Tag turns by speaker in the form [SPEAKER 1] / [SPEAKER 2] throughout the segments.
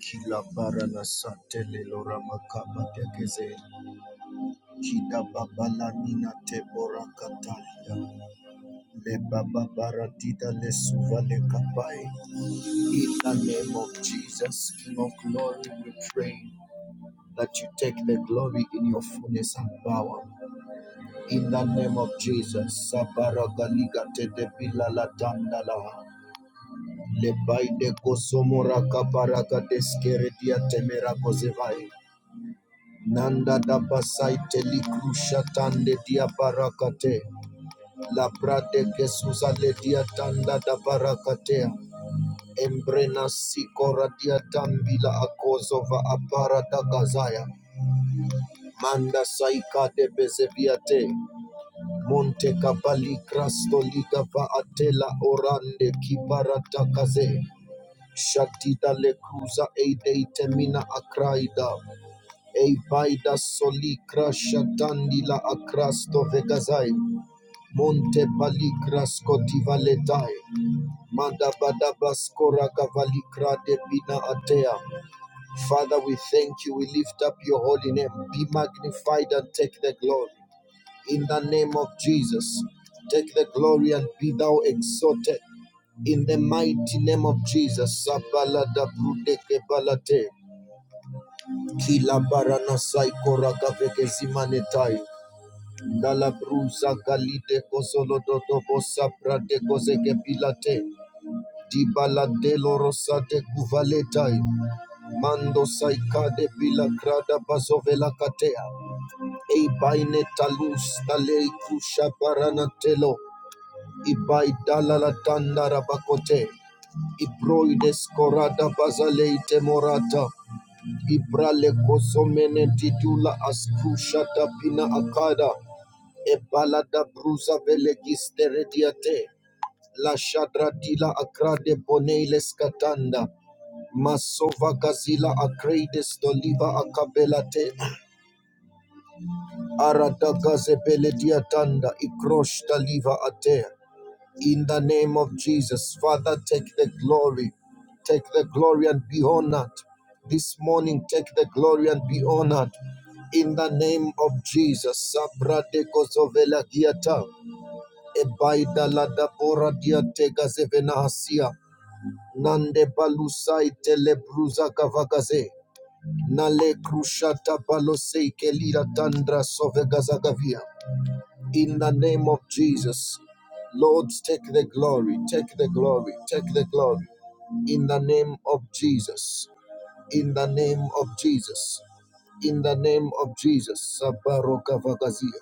[SPEAKER 1] Kila barana satele lora makaba tekeze. Kida babala nina tebora katalia. Le baba baratida le suva le kapai. In the name of Jesus, King of glory, we pray that you take the glory in your fullness and power. In the name of Jesus, Sabara Galiga te de bila la dandala. Le baide kosomora kabaraka deskere dia temera kozevai. Nanda da dabasaite likrusha tande dia barakate. La prade gesuza le dia tanda da barakatea. Embrena sikora dia tambila akozova apara da gazaya. Manda saika de bezeviate. Monte kabali krasto liga va atela orande kibarata kaze. Shatida le cruza eide itemina akraida. Evaida soli crasha dandila acrasto vegazai. Monte palicras cotivaletai. Manda badabascora cavalicra de bina atea. Father, we thank you. We lift up your holy name. Be magnified and take the glory. In the name of Jesus, take the glory and be thou exalted. In the mighty name of Jesus, Sabala da Brudeke Balate, Kila Barana Saikora Gaveke Zimanetai. Dala brusa galide cosolo dodo bossa prate cose che pilate. Di balade lorosa de guvaletai. Mando saicade pila crada basovela catea. Ei baine talus talei cuscia paranatello. I bai dalla la tanda rabacote. I broide scorada basaleite morata. I brale cosomene titula ascuscia tapina acada. Ebalada bruza velegis terediate. La shadra dila acrade bonele scatanda. Masova gazila acredes doliva acabelate. Arada gazebele diatanda. Ikrosh daliva ate. In the name of Jesus, Father, take the glory. Take the glory and be honored. This morning, take the glory and be honored. In the name of Jesus, Sabra de Kosovela Diata, Ebaida la da bora tega zevena hasia. Nande balusai tele bruza kavagaze. Nale krushata balosei kelira tandra sovegazagavia. In the name of Jesus. Lord, take the glory, take the glory, take the glory. In the name of Jesus. In the name of Jesus. In the name of Jesus. Sabaroka vagazia.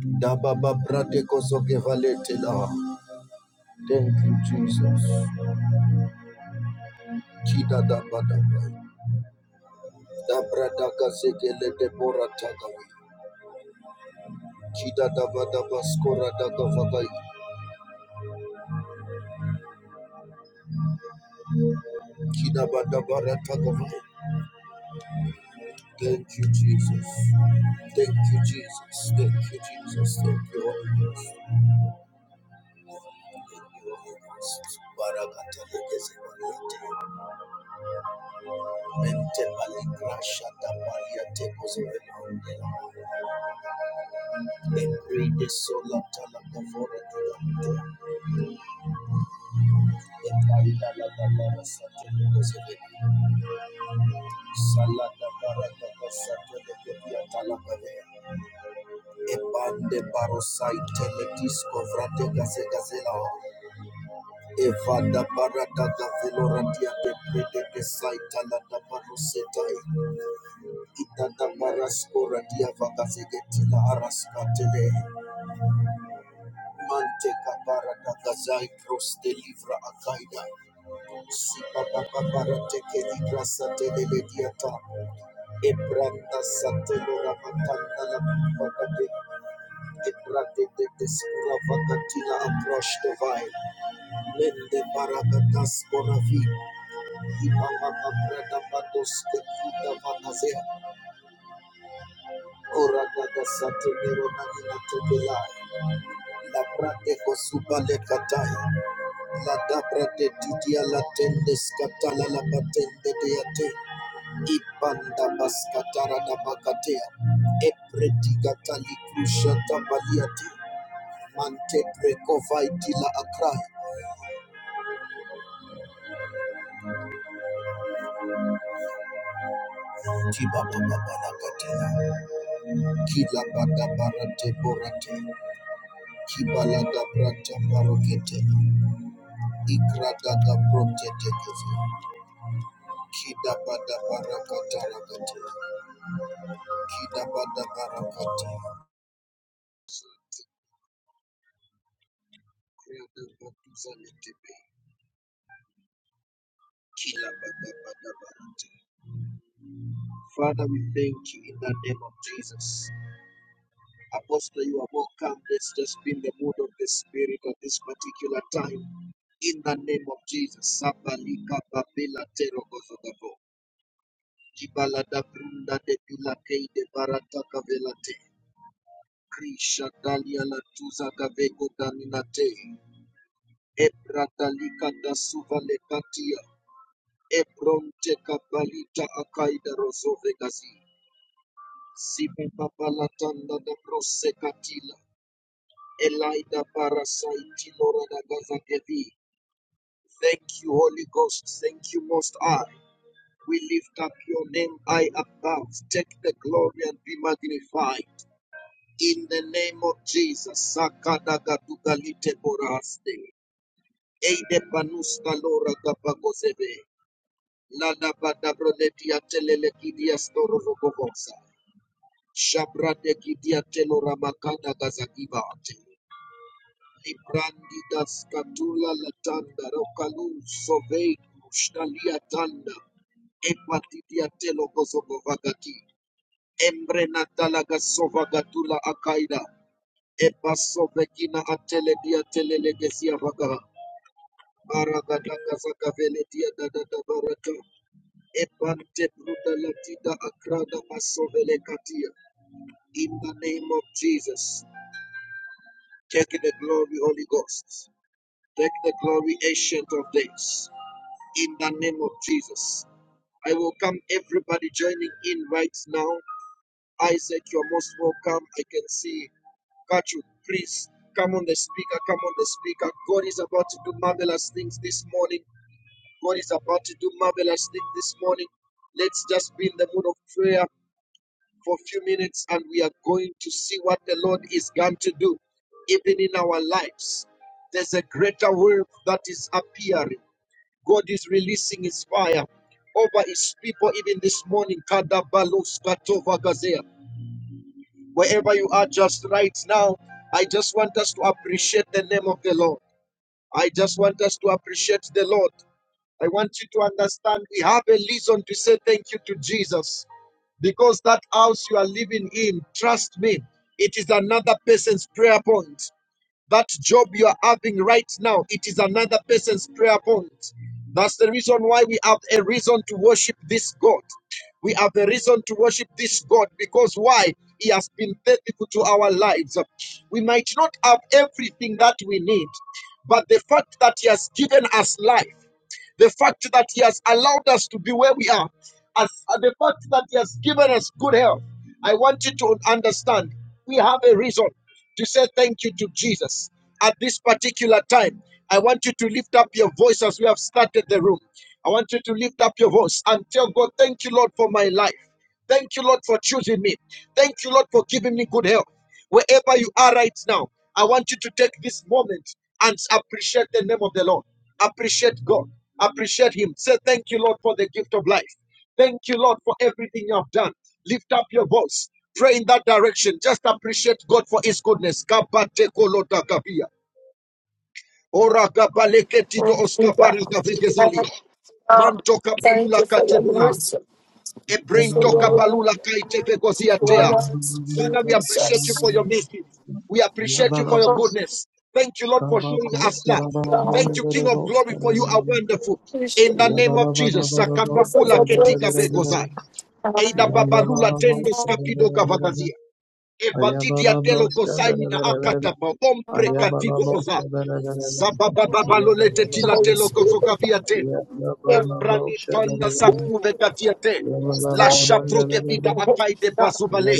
[SPEAKER 1] Dababa brate kozogevalete la. Thank you, Jesus. Chida da ba da ba. Da bra da ga ze de bo ra Chida da ba da ba sko da ga va Chida ba da ba ra ta ga Thank you, Jesus. Thank you, Jesus. Thank you, Jesus. Thank you, Holy Ghost. Thank you, Holy Ghost. Barakata le ge Mente ba le gra sha da ba le te ko ze ve Every day, so la ta la Ebande barosite letisco vratega segazela evada barata da veloratia de prete de saita la da baroseta itata barascora dia vagazegetila arascatele mante capara da gazai cross de livra acaida si papa para teke ligrasa telele diata Ibranda Satulura Matandala Vagade, Ibrande de Despura Vagatila Aproshtovai, Mende Baragatas Boravi, Imama Brada Bados de Kuda Vanazea, Orada da Satunero Nanina Tobela, La Brade Kosuba Le Kataya, La Dabra de Didia La Tendes Catala La Patende Deate, Ibanda baskatara da bakatea. Epretiga tali krusha tambaliate. Mante prekovai tila akrai. Tiba babala bala katea. Kila bada barate borate. Kibala da brata barokete. Ikrada da brote tekeze. Kida bada barakata rakatea. Kida bada barakatea. Kreda batuza letebe. Kila bada bada barate. Father, we thank you in the name of Jesus. Apostle, you are welcome. Let's just be in the mood of the Spirit at this particular time. In the name of Jesus. Sabalika babela terogozogabo. Kibala da brunda de bilakei de barata kavelate. Krisha dalia la tuza gavego daminate. Ebra dalika da suva lekatia. Ebronte kabalita akaida rozove gazi. Sipe papalatanda da prosekatila. Elida parasaiti lora da gazagevi. Thank you, Holy Ghost. Thank you, Most High. We lift up your name high above. Take the glory and be magnified. In the name of Jesus. Sakada gatugalite boraste. Eide panusta lora gabagozebe. Lada bada broleti kidia storo rogogosa. Shabrade Gidia Telora Makanda Gazagibate. Librandi das katula Latanda Rocalu Sovei Shtalia Tanda Epatitia Telo Kosovagati Embre Natalaga Sovagatula Akaida Epasovekina Atele Dia Telelegesia Vaga Maragadaga Vagavele Dia Dada Baraka Epante Bruda Latida Akrada Masovele Katia in the name of Jesus Take the glory, Holy Ghost. Take the glory, Ancient of Days. In the name of Jesus. I welcome everybody joining in right now. Isaac, you're most welcome. I can see. Katru, please come on the speaker. Come on the speaker. God is about to do marvelous things this morning. God is about to do marvelous things this morning. Let's just be in the mood of prayer for a few minutes and we are going to see what the Lord is going to do, even in our lives. There's a greater wave that is appearing. God is releasing his fire over his people, even this morning. Kadabalos katovagazea. Wherever you are just right now, I just want us to appreciate the name of the Lord. I just want us to appreciate the Lord. I want you to understand we have a reason to say thank you to Jesus because that house you are living in, trust me, it is another person's prayer point. That job you are having right now, it is another person's prayer point. That's the reason why we have a reason to worship this God. We have a reason to worship this God because why? He has been faithful to our lives. We might not have everything that we need, but the fact that He has given us life the fact that He has allowed us to be where we are, and the fact that He has given us good health, I want you to understand we have a reason to say thank you to Jesus at this particular time. I want you to lift up your voice as we have started the room. I want you to lift up your voice and tell God, Thank you, Lord, for my life. Thank you, Lord, for choosing me. Thank you, Lord, for giving me good health. Wherever you are right now, I want you to take this moment and appreciate the name of the Lord. Appreciate God. Appreciate Him. Say, Thank you, Lord, for the gift of life. Thank you, Lord, for everything you have done. Lift up your voice. Pray in that direction. Just appreciate God for His goodness. Kabate Ora gabaleketi do
[SPEAKER 2] Thank you, God.
[SPEAKER 1] oskapari
[SPEAKER 2] Thank you,
[SPEAKER 1] gavigezilia.
[SPEAKER 2] God.
[SPEAKER 1] Manto
[SPEAKER 2] Thank
[SPEAKER 1] kabulula
[SPEAKER 2] you for your
[SPEAKER 1] katebula.
[SPEAKER 2] mercy, for your
[SPEAKER 3] Yabala
[SPEAKER 2] love, your kindness toward us,
[SPEAKER 1] Father, we appreciate you for
[SPEAKER 2] Jesus.
[SPEAKER 1] your mercy. We appreciate you for your
[SPEAKER 2] Oh,
[SPEAKER 1] goodness. Thank you, Lord, for showing us love.
[SPEAKER 2] God,
[SPEAKER 1] Thank you, King of Glory, for you are
[SPEAKER 2] we
[SPEAKER 1] wonderful.
[SPEAKER 2] appreciate
[SPEAKER 1] In the name
[SPEAKER 2] you.
[SPEAKER 1] of Jesus,
[SPEAKER 2] Thank you for
[SPEAKER 1] sakabakula
[SPEAKER 2] your
[SPEAKER 1] ketiga
[SPEAKER 2] mercy.
[SPEAKER 1] begozai.
[SPEAKER 2] And I
[SPEAKER 1] Eida
[SPEAKER 2] welcome you
[SPEAKER 1] babalula tendes kapido gavagazia. Evadidia telo gosaini akatapa ompre kativo oza. Sababababalo
[SPEAKER 2] welcome
[SPEAKER 1] lete
[SPEAKER 2] me in,
[SPEAKER 1] tila
[SPEAKER 2] Holy
[SPEAKER 1] telo
[SPEAKER 2] Spirit.
[SPEAKER 1] Kozogaviate,
[SPEAKER 2] Hallelujah.
[SPEAKER 1] Embrani tonda
[SPEAKER 2] Ooh,
[SPEAKER 1] sakuve gatiate.
[SPEAKER 2] Rabbi,
[SPEAKER 1] Lasha de vida
[SPEAKER 2] Rabbi,
[SPEAKER 1] apai de
[SPEAKER 2] Rabbi.
[SPEAKER 1] bazubale.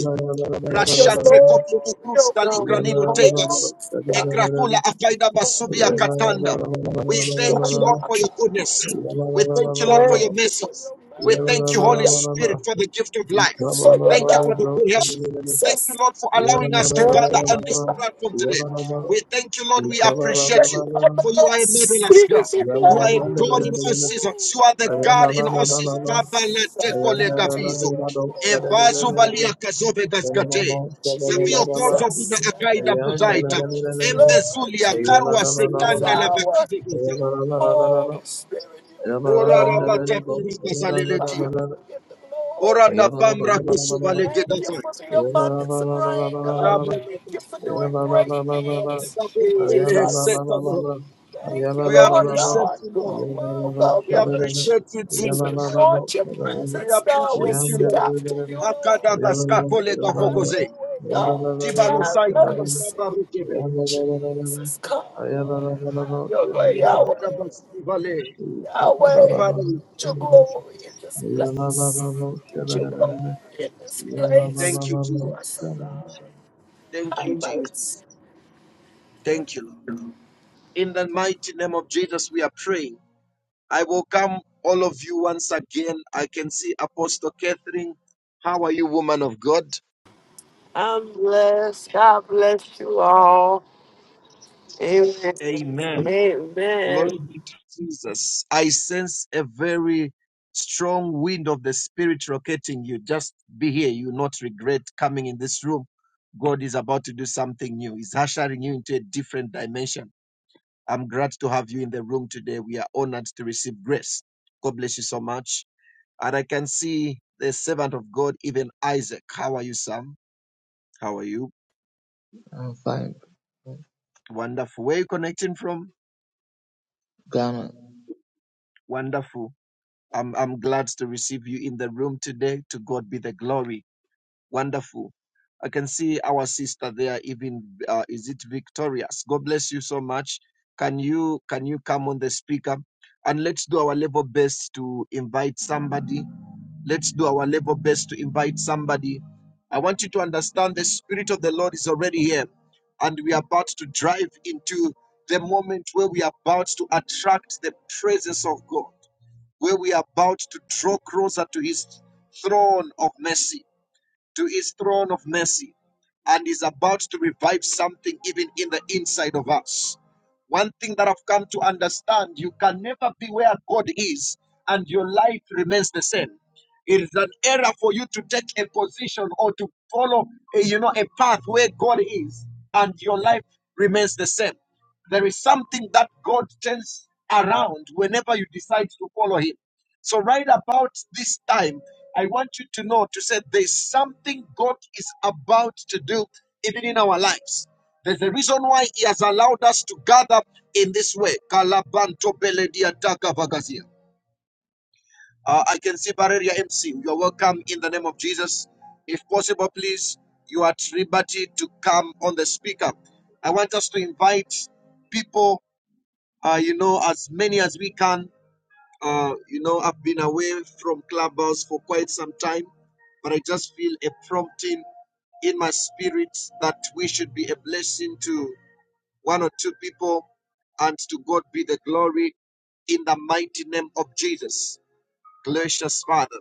[SPEAKER 2] It's your
[SPEAKER 1] Rashatreko
[SPEAKER 2] glory,
[SPEAKER 1] Tubukrus
[SPEAKER 2] oh God.
[SPEAKER 1] Taligranino Tegas.
[SPEAKER 2] Hallelujah.
[SPEAKER 1] Ekrahula Akaida
[SPEAKER 2] Thank
[SPEAKER 1] Basubia
[SPEAKER 2] you For
[SPEAKER 3] Ayah,
[SPEAKER 1] Katanda. We
[SPEAKER 2] your
[SPEAKER 1] thank you, Lord, for your goodness. We thank you, Lord, for your message. We thank you,
[SPEAKER 2] mercy,
[SPEAKER 1] Holy
[SPEAKER 2] God.
[SPEAKER 1] Spirit, for the gift of life.
[SPEAKER 2] for your
[SPEAKER 1] Thank you for the
[SPEAKER 2] love,
[SPEAKER 1] good health. Thank you,
[SPEAKER 2] Jesus.
[SPEAKER 1] Lord, for allowing us to
[SPEAKER 2] Thank
[SPEAKER 1] gather on
[SPEAKER 2] you,
[SPEAKER 1] this
[SPEAKER 2] my
[SPEAKER 1] platform today.
[SPEAKER 2] God.
[SPEAKER 1] We thank you, Lord. We
[SPEAKER 2] Oh, let there
[SPEAKER 1] appreciate you,
[SPEAKER 2] be
[SPEAKER 1] for you are a
[SPEAKER 2] evidence.
[SPEAKER 1] marvelous God.
[SPEAKER 2] Jesus, your mercy,
[SPEAKER 1] You are a
[SPEAKER 2] love,
[SPEAKER 1] God in all seasons. You
[SPEAKER 2] oh,
[SPEAKER 1] are the God in all seasons. Tabalateko legabizo ebazo
[SPEAKER 2] God.
[SPEAKER 1] balia kazobe
[SPEAKER 2] Thank
[SPEAKER 1] gazgate
[SPEAKER 2] you,
[SPEAKER 1] sapio kozo vina
[SPEAKER 2] Jesus, let there
[SPEAKER 1] akaida
[SPEAKER 2] be
[SPEAKER 1] buzaita
[SPEAKER 2] evidence, Lord
[SPEAKER 1] embezulia karwa
[SPEAKER 2] Jesus, in this
[SPEAKER 1] sekanda la
[SPEAKER 2] hour.
[SPEAKER 1] bakide goza
[SPEAKER 2] Holy Spirit, you get the
[SPEAKER 1] ora
[SPEAKER 2] glory.
[SPEAKER 1] rabata pura kasaleletia
[SPEAKER 2] Father, you get the
[SPEAKER 1] ora
[SPEAKER 2] glory.
[SPEAKER 1] da pamra
[SPEAKER 3] Yabba
[SPEAKER 1] kusuvalege
[SPEAKER 2] Thank you for
[SPEAKER 1] dazai
[SPEAKER 2] the abundance of rain, God.
[SPEAKER 1] shabu
[SPEAKER 2] Thank
[SPEAKER 1] lete
[SPEAKER 2] you for doing great
[SPEAKER 1] Baba,
[SPEAKER 2] things,
[SPEAKER 1] Baba, tele
[SPEAKER 2] Jesus.
[SPEAKER 1] seta Lord.
[SPEAKER 2] Thank you,
[SPEAKER 1] we
[SPEAKER 2] Lord
[SPEAKER 1] appreciate
[SPEAKER 2] God.
[SPEAKER 1] you
[SPEAKER 2] You
[SPEAKER 1] Lord
[SPEAKER 2] are welcome,
[SPEAKER 1] we
[SPEAKER 2] Lord
[SPEAKER 1] appreciate you
[SPEAKER 2] Jesus. We
[SPEAKER 1] Jesus
[SPEAKER 2] want your
[SPEAKER 1] we
[SPEAKER 2] presence, God. We
[SPEAKER 1] appreciate you
[SPEAKER 2] seek
[SPEAKER 1] Lord
[SPEAKER 2] after you,
[SPEAKER 1] akada
[SPEAKER 2] Lord.
[SPEAKER 1] gaskakole
[SPEAKER 2] Have
[SPEAKER 1] gafogoze
[SPEAKER 2] your way, God. Have
[SPEAKER 1] tibalusai tuna
[SPEAKER 2] mercy.
[SPEAKER 1] kabarukebe
[SPEAKER 2] Jesus, come, Lord. Have your way, Yahweh.
[SPEAKER 1] kidabagabasivale
[SPEAKER 2] Yahweh,
[SPEAKER 1] Father, we
[SPEAKER 2] put your glory in this place. Put your glory in this place.
[SPEAKER 1] thank you,
[SPEAKER 2] Bless, oh
[SPEAKER 1] Jesus.
[SPEAKER 2] God.
[SPEAKER 1] Thank
[SPEAKER 2] High
[SPEAKER 1] you,
[SPEAKER 2] lights.
[SPEAKER 1] Jesus. Thank you, Lord. In the mighty name of Jesus, we are praying. I welcome all of you once again. I can see Apostle Catherine. How are you, woman of God?
[SPEAKER 2] I'm blessed. God bless you all. Amen.
[SPEAKER 1] Amen.
[SPEAKER 2] Amen.
[SPEAKER 1] Glory be to Jesus. I sense a very strong wind of the Spirit rotating you. Just be here. You will not regret coming in this room. God is about to do something new. He's ushering you into a different dimension. I'm glad to have you in the room today. We are honored to receive grace. God bless you so much. And I can see the servant of God, even Isaac. How are you, Sam? How are you?
[SPEAKER 3] I'm fine.
[SPEAKER 1] Wonderful. Where are you connecting from? Wonderful. I'm, I'm glad to receive you in the room today. To God be the glory. Wonderful. I can see our sister there, even uh, is it victorious? God bless you so much. Can you can you come on the speaker and let's do our level best to invite somebody Let's do our level best to invite somebody. I want you to understand the Spirit of the Lord is already here, and we are about to drive into the moment where we are about to attract the presence of God, where we are about to draw closer to His throne of mercy to his throne of mercy and is about to revive something even in the inside of us. One thing that I've come to understand you can never be where God is and your life remains the same. It is an error for you to take a position or to follow a, you know a path where God is and your life remains the same. There is something that God turns around whenever you decide to follow him. So, right about this time, I want you to know to say there's something God is about to do even in our lives. There's a reason why He has allowed us to gather in this way. Kalabanto beledia takabagazia. Uh, I can see Bareria MC. You're welcome in the name of Jesus. If possible, please, you are at liberty to come on the speaker. I want us to invite people, uh, you know, as many as we can uh, you know, I've been away from Clubhouse for quite some time, but I just feel a prompting in my spirit that we should be a blessing to one or two people, and to God be the glory in the mighty name of Jesus, gracious Father.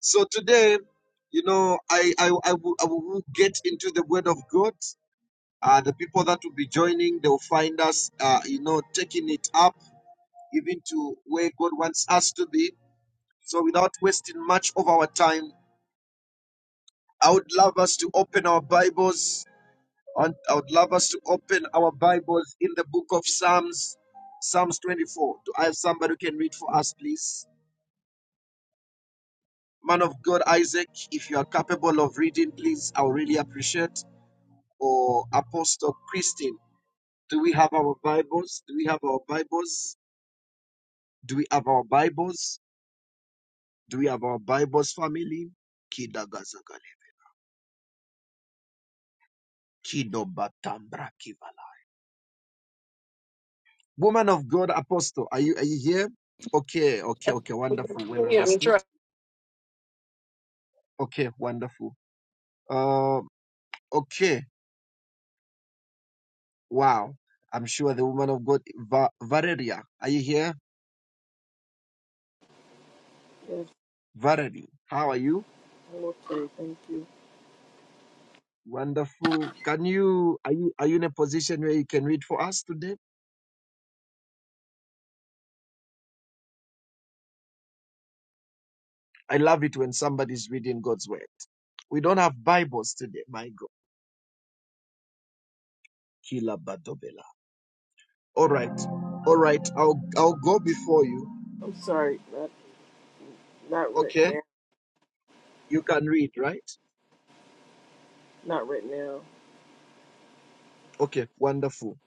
[SPEAKER 1] So today, you know, I I, I, will, I will get into the Word of God. Uh, the people that will be joining, they will find us, uh, you know, taking it up even to where God wants us to be so, without wasting much of our time, I would love us to open our Bibles, and I would love us to open our Bibles in the book of Psalms, Psalms 24. Do I have somebody who can read for us, please? Man of God, Isaac, if you are capable of reading, please, I would really appreciate. Or Apostle Christine, do we have our Bibles? Do we have our Bibles? Do we have our Bibles? Do we have our Bibles, family? Kidagazagale, kidobatambra kiva. Woman of God, Apostle, are you are you here? Okay, okay, okay, wonderful, well
[SPEAKER 2] Yeah, I'm
[SPEAKER 1] understood.
[SPEAKER 2] trying.
[SPEAKER 1] Okay, wonderful. Um, okay, wow. I'm sure the woman of God, Va- Valeria, are you here? Valerie, how are you?
[SPEAKER 4] Okay, thank you.
[SPEAKER 1] Wonderful. Can you are you are you in a position where you can read for us today? I love it when somebody's reading God's word. We don't have Bibles today, my God. Kila badobela. All right, all right. I'll I'll go before you.
[SPEAKER 4] I'm sorry, not not right
[SPEAKER 1] Okay,
[SPEAKER 4] now,
[SPEAKER 1] you can read, right?
[SPEAKER 4] not right now.
[SPEAKER 1] Okay, wonderful.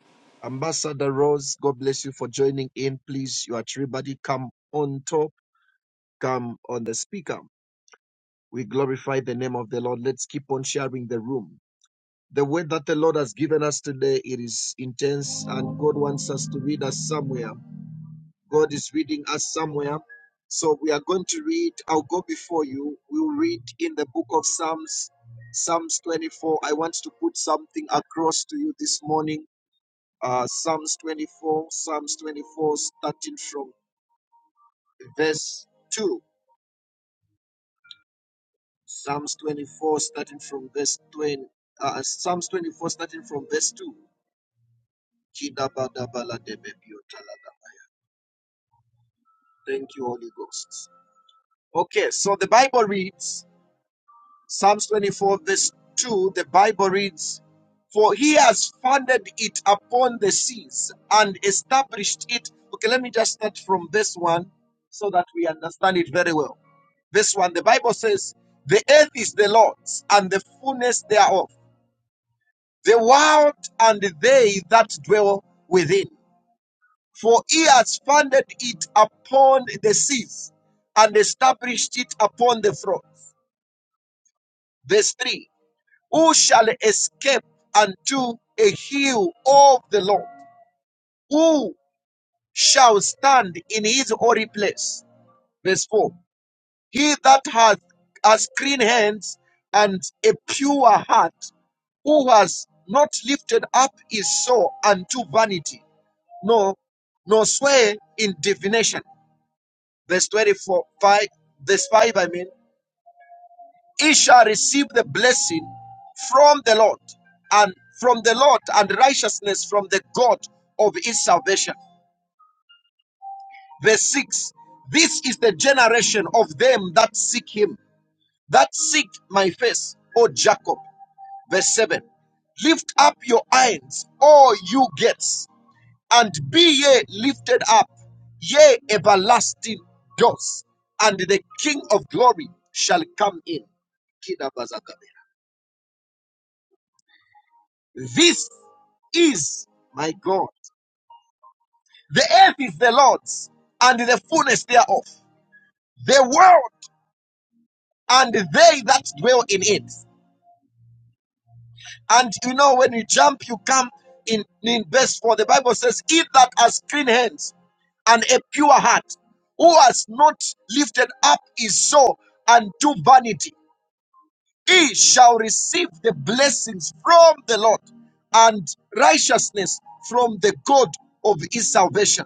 [SPEAKER 1] Ambassador Rose, God bless you for joining in. Please, you are everybody. Come on top, come on the speaker. We glorify the name of the Lord. Let's keep on sharing the room. The word that the Lord has given us today, it is intense, and God wants us to read us somewhere. God is reading us somewhere. So we are going to read, I'll go before you. We'll read in the book of Psalms, Psalms 24. I want to put something across to you this morning uh, Psalms 24, Psalms 24, starting from verse 2. Psalms 24, starting from verse 20. Uh, Psalms 24, starting from verse 2. Thank you, Holy Ghost. Okay, so the Bible reads, Psalms 24, verse 2, the Bible reads, For he has founded it upon the seas and established it. Okay, let me just start from this one so that we understand it very well. This one, the Bible says, the earth is the Lord's and the fullness thereof, the world and they that dwell within. For he has founded it upon the seas and established it upon the floods. Verse 3 Who shall escape unto a hill of the Lord? Who shall stand in his holy place? Verse 4 He that hath has clean hands and a pure heart, who has not lifted up his soul unto vanity, nor nor sway in divination. Verse 24, 5, verse 5, I mean, he shall receive the blessing from the Lord and from the Lord and righteousness from the God of his salvation. Verse 6, this is the generation of them that seek him, that seek my face, O Jacob. Verse 7, lift up your hands, all you gates, and be ye lifted up, ye everlasting doors, and the King of glory shall come in. This is my God. The earth is the Lord's, and the fullness thereof, the world and they that dwell in it. And you know, when you jump, you come in, in verse 4. The Bible says, He that has clean hands and a pure heart, who has not lifted up his soul unto vanity, he shall receive the blessings from the Lord and righteousness from the God of his salvation.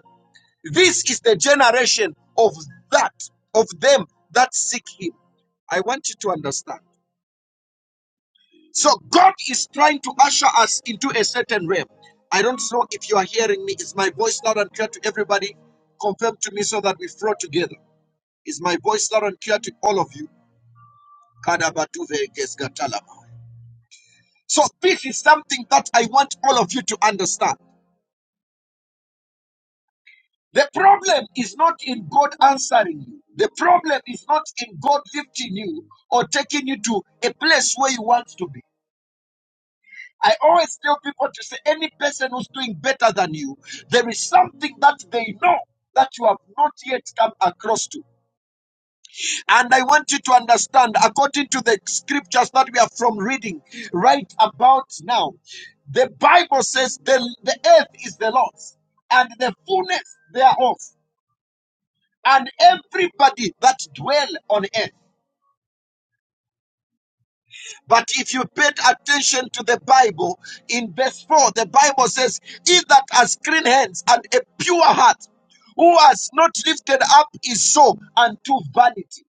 [SPEAKER 1] This is the generation of that, of them that seek him. I want you to understand. So God is trying to usher us into a certain realm. I don't know if you are hearing me. Is my voice loud and clear to everybody? Confirm to me so that we flow together. Is my voice loud and clear to all of you? Kadabatuve gesgatalama. So this is something that I want all of you to understand. The problem is not in God answering you. The problem is not in God lifting you or taking you to a place where you want to be. I always tell people to say any person who's doing better than you, there is something that they know that you have not yet come across to. And I want you to understand, according to the scriptures that we are from reading right about now, the Bible says the, the earth is the Lord's and the fullness thereof, and everybody that dwell on earth. But if you paid attention to the Bible, in verse 4, the Bible says, He that has clean hands and a pure heart, who has not lifted up his soul unto vanity.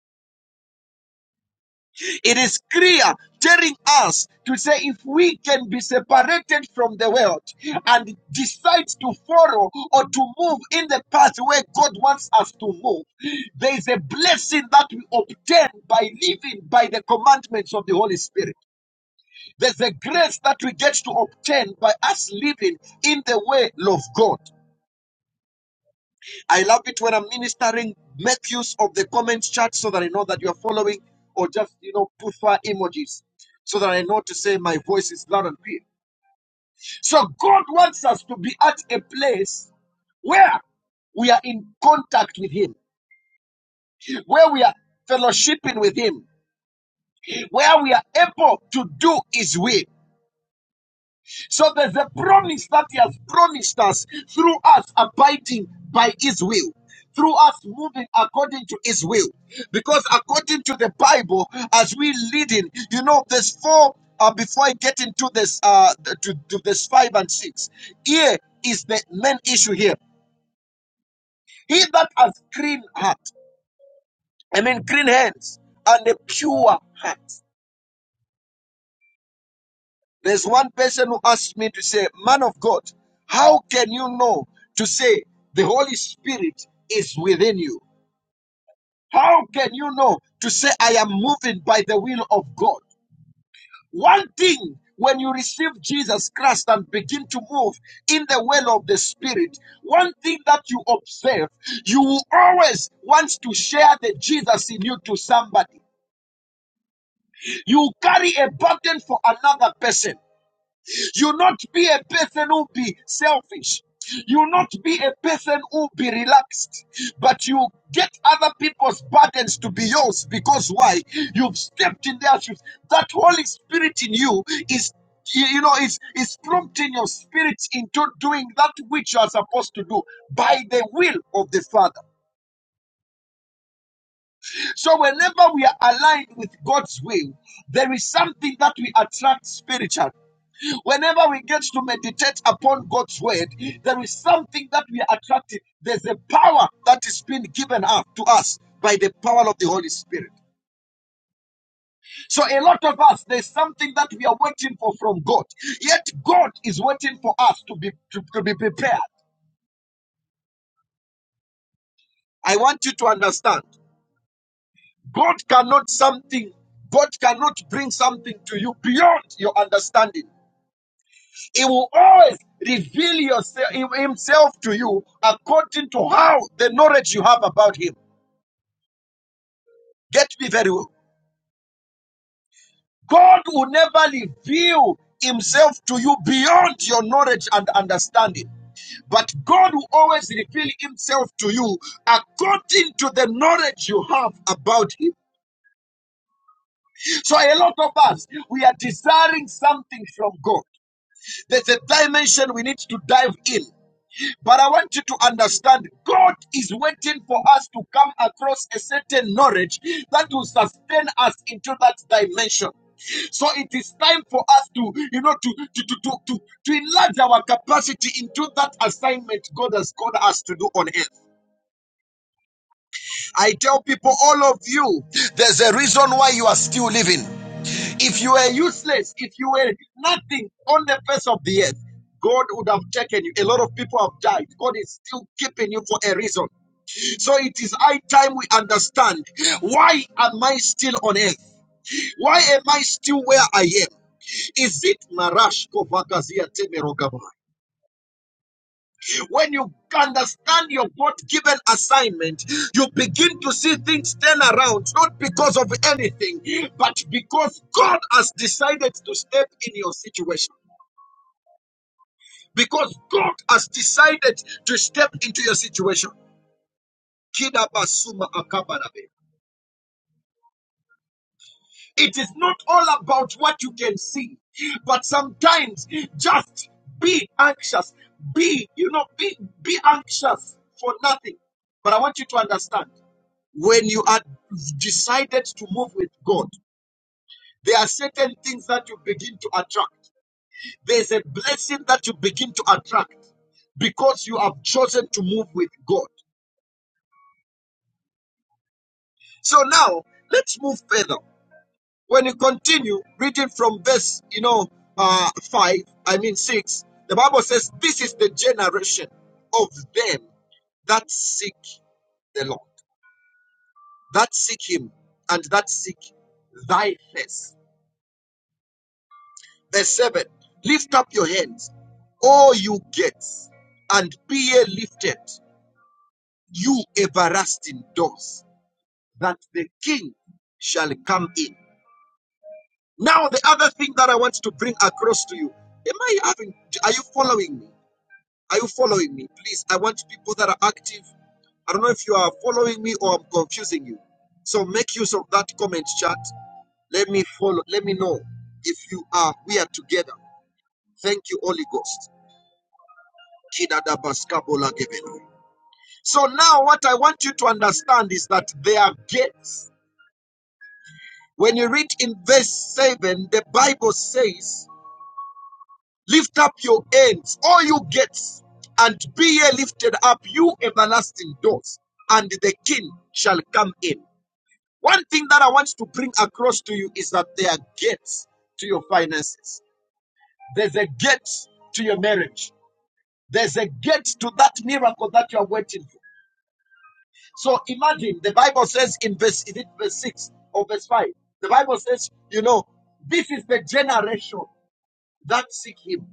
[SPEAKER 1] It is clear telling us to say if we can be separated from the world and decide to follow or to move in the path where God wants us to move, there is a blessing that we obtain by living by the commandments of the Holy Spirit. There's a grace that we get to obtain by us living in the way of God. I love it when I'm ministering. Make use of the comments chat so that I know that you're following, or just you know put fire emojis so that I know to say my voice is loud and clear. So God wants us to be at a place where we are in contact with Him, where we are fellowshipping with Him, where we are able to do His will. So there's a promise that He has promised us through us abiding by His will, through us moving according to His will. Because according to the Bible, as we lead in, you know, there's four. Uh, before I get into this, uh, to, to this five and six, here is the main issue here. He that has clean heart, I mean, clean hands and a pure heart. There's one person who asked me to say, Man of God, how can you know to say the Holy Spirit is within you? How can you know to say, I am moving by the will of God? One thing, when you receive Jesus Christ and begin to move in the well of the Spirit, one thing that you observe, you will always want to share the Jesus in you to somebody. You carry a burden for another person. You not be a person who be selfish. You not be a person who be relaxed, but you get other people's burdens to be yours because why? You've stepped in their shoes. That Holy Spirit in you is you you know is is prompting your spirit into doing that which you are supposed to do by the will of the Father. So whenever we are aligned with God's will, there is something that we attract spiritually. Whenever we get to meditate upon God's word, there is something that we are attracted. There's a power that is being given up to us by the power of the Holy Spirit. So a lot of us, there's something that we are waiting for from God. Yet God is waiting for us to be to, to be prepared. I want you to understand. God cannot something. God cannot bring something to you beyond your understanding. He will always reveal yourself, himself to you according to how the knowledge you have about him. Get me very well. God will never reveal himself to you beyond your knowledge and understanding. But God will always reveal himself to you according to the knowledge you have about him. So a lot of us, we are desiring something from God. There's a dimension we need to dive in. But I want you to understand God is waiting for us to come across a certain knowledge that will sustain us into that dimension. So it is time for us to, you know, to to to to to, to enlarge our capacity into that assignment God has called us to do on earth. I tell people, all of you, there's a reason why you are still living. If you were useless, if you were nothing on the face of the earth, God would have taken you. A lot of people have died. God is still keeping you for a reason. So it is high time we understand why am I still on earth? Why am I still where I am? Is it Marash Kovakazia Temerogaba? When you understand your God given assignment, you begin to see things turn around, not because of anything, but because God has decided to step in your situation. Because God has decided to step into your situation. Kidabasuma akabarabe. It is not all about what you can see, but sometimes just be anxious. Be, you know, be, be anxious for nothing. But I want you to understand when you are decided to move with God, there are certain things that you begin to attract. There's a blessing that you begin to attract because you have chosen to move with God. So now let's move further. When you continue reading from verse, you know, uh, five, I mean six, the Bible says, "This is the generation of them that seek the Lord, that seek Him, and that seek Thy face." Verse seven: Lift up your hands, all you gates, and be ye lifted, you everlasting doors, that the King shall come in. Now, the other thing that I want to bring across to you, am I having, are you following me? Are you following me? Please, I want people that are active. I don't know if you are following me or I'm confusing you. So make use of that comment chat. Let me follow, let me know if you are, we are together. Thank you, Holy Ghost. So now what I want you to understand is that there are gates. When you read in verse 7, the Bible says, Lift up your ends, all you gates, and be ye lifted up, you everlasting doors, and the King shall come in. One thing that I want to bring across to you is that there are gates to your finances. There's a gate to your marriage. There's a gate to that miracle that you are waiting for. So imagine the Bible says in verse, is it verse 6 or verse 5? The Bible says, you know, this is the generation that seek him.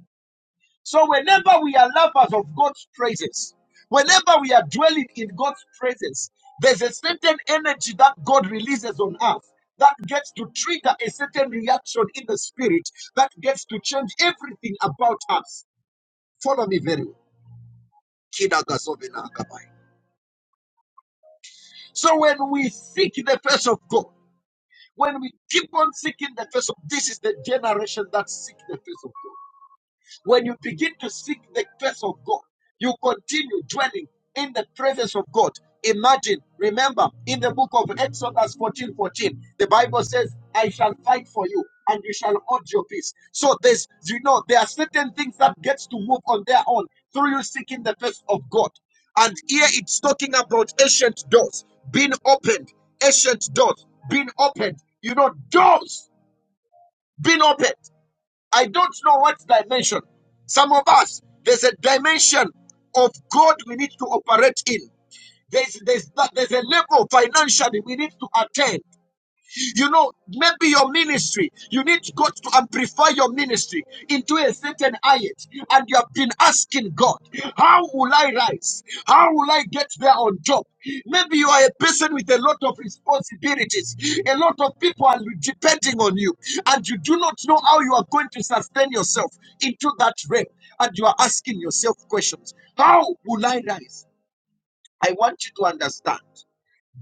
[SPEAKER 1] So whenever we are lovers of God's praises, whenever we are dwelling in God's praises, there's a certain energy that God releases on us that gets to trigger a certain reaction in the spirit that gets to change everything about us. Follow me very well. Kidagasovinaakabai. So when we seek the face of God, when we keep on seeking the face of this is the generation that seek the face of God. When you begin to seek the face of God, you continue dwelling in the presence of God. Imagine, remember, in the book of Exodus 14 14, the Bible says, I shall fight for you and you shall hold your peace. So there's, you know, there are certain things that gets to move on their own through you seeking the face of God. And here it's talking about ancient doors being opened, ancient doors being opened, you know, doors being opened. I don't know what dimension. Some of us, there's a dimension of God we need to operate in. There's, there's, there's a level financially we need to attain. You know, maybe your ministry, you need God to amplify your ministry into a certain height. And you have been asking God, how will I rise? How will I get there on top? Maybe you are a person with a lot of responsibilities. A lot of people are depending on you. And you do not know how you are going to sustain yourself into that realm. And you are asking yourself questions. How will I rise? I want you to understand.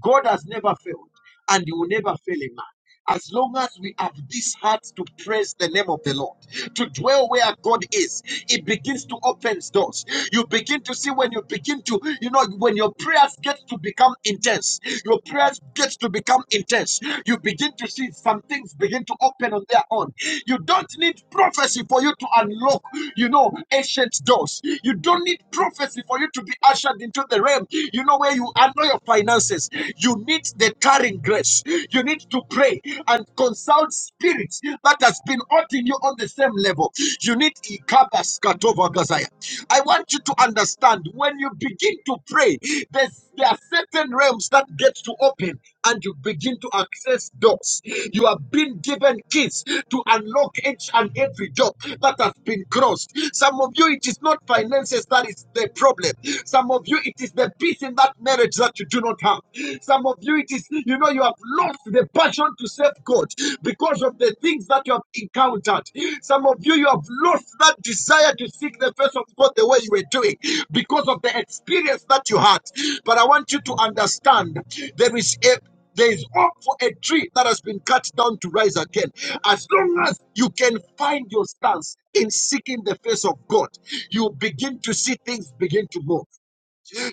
[SPEAKER 1] God has never failed and he will never fail a man. As long as we have this heart to praise the name of the Lord, to dwell where God is, it begins to open doors. You begin to see when you begin to, you know, when your prayers get to become intense, your prayers get to become intense. You begin to see some things begin to open on their own. You don't need prophecy for you to unlock, you know, ancient doors. You don't need prophecy for you to be ushered into the realm, you know, where you are handle your finances, you need the carrying grace. You need to pray and consult spirits that has been hurting you on the same level. You need Ikabas Katova Gazaya. I want you to understand when you begin to pray, there's, there are certain realms that get to open and you begin to access doors. You have been given keys to unlock each and every door that has been crossed. Some of you, it is not finances that is the problem. Some of you, it is the a peace in that marriage that you do not have. Some of you, it is, you know, you have lost the passion to serve God because of the things that you have encountered. Some of you, you have lost that desire to seek the face of God the way you were doing because of the experience that you had. But I want you to understand there is a there is hope for a tree that has been cut down to rise again. As long as you can find your stance in seeking the face of God, you begin to see things begin to move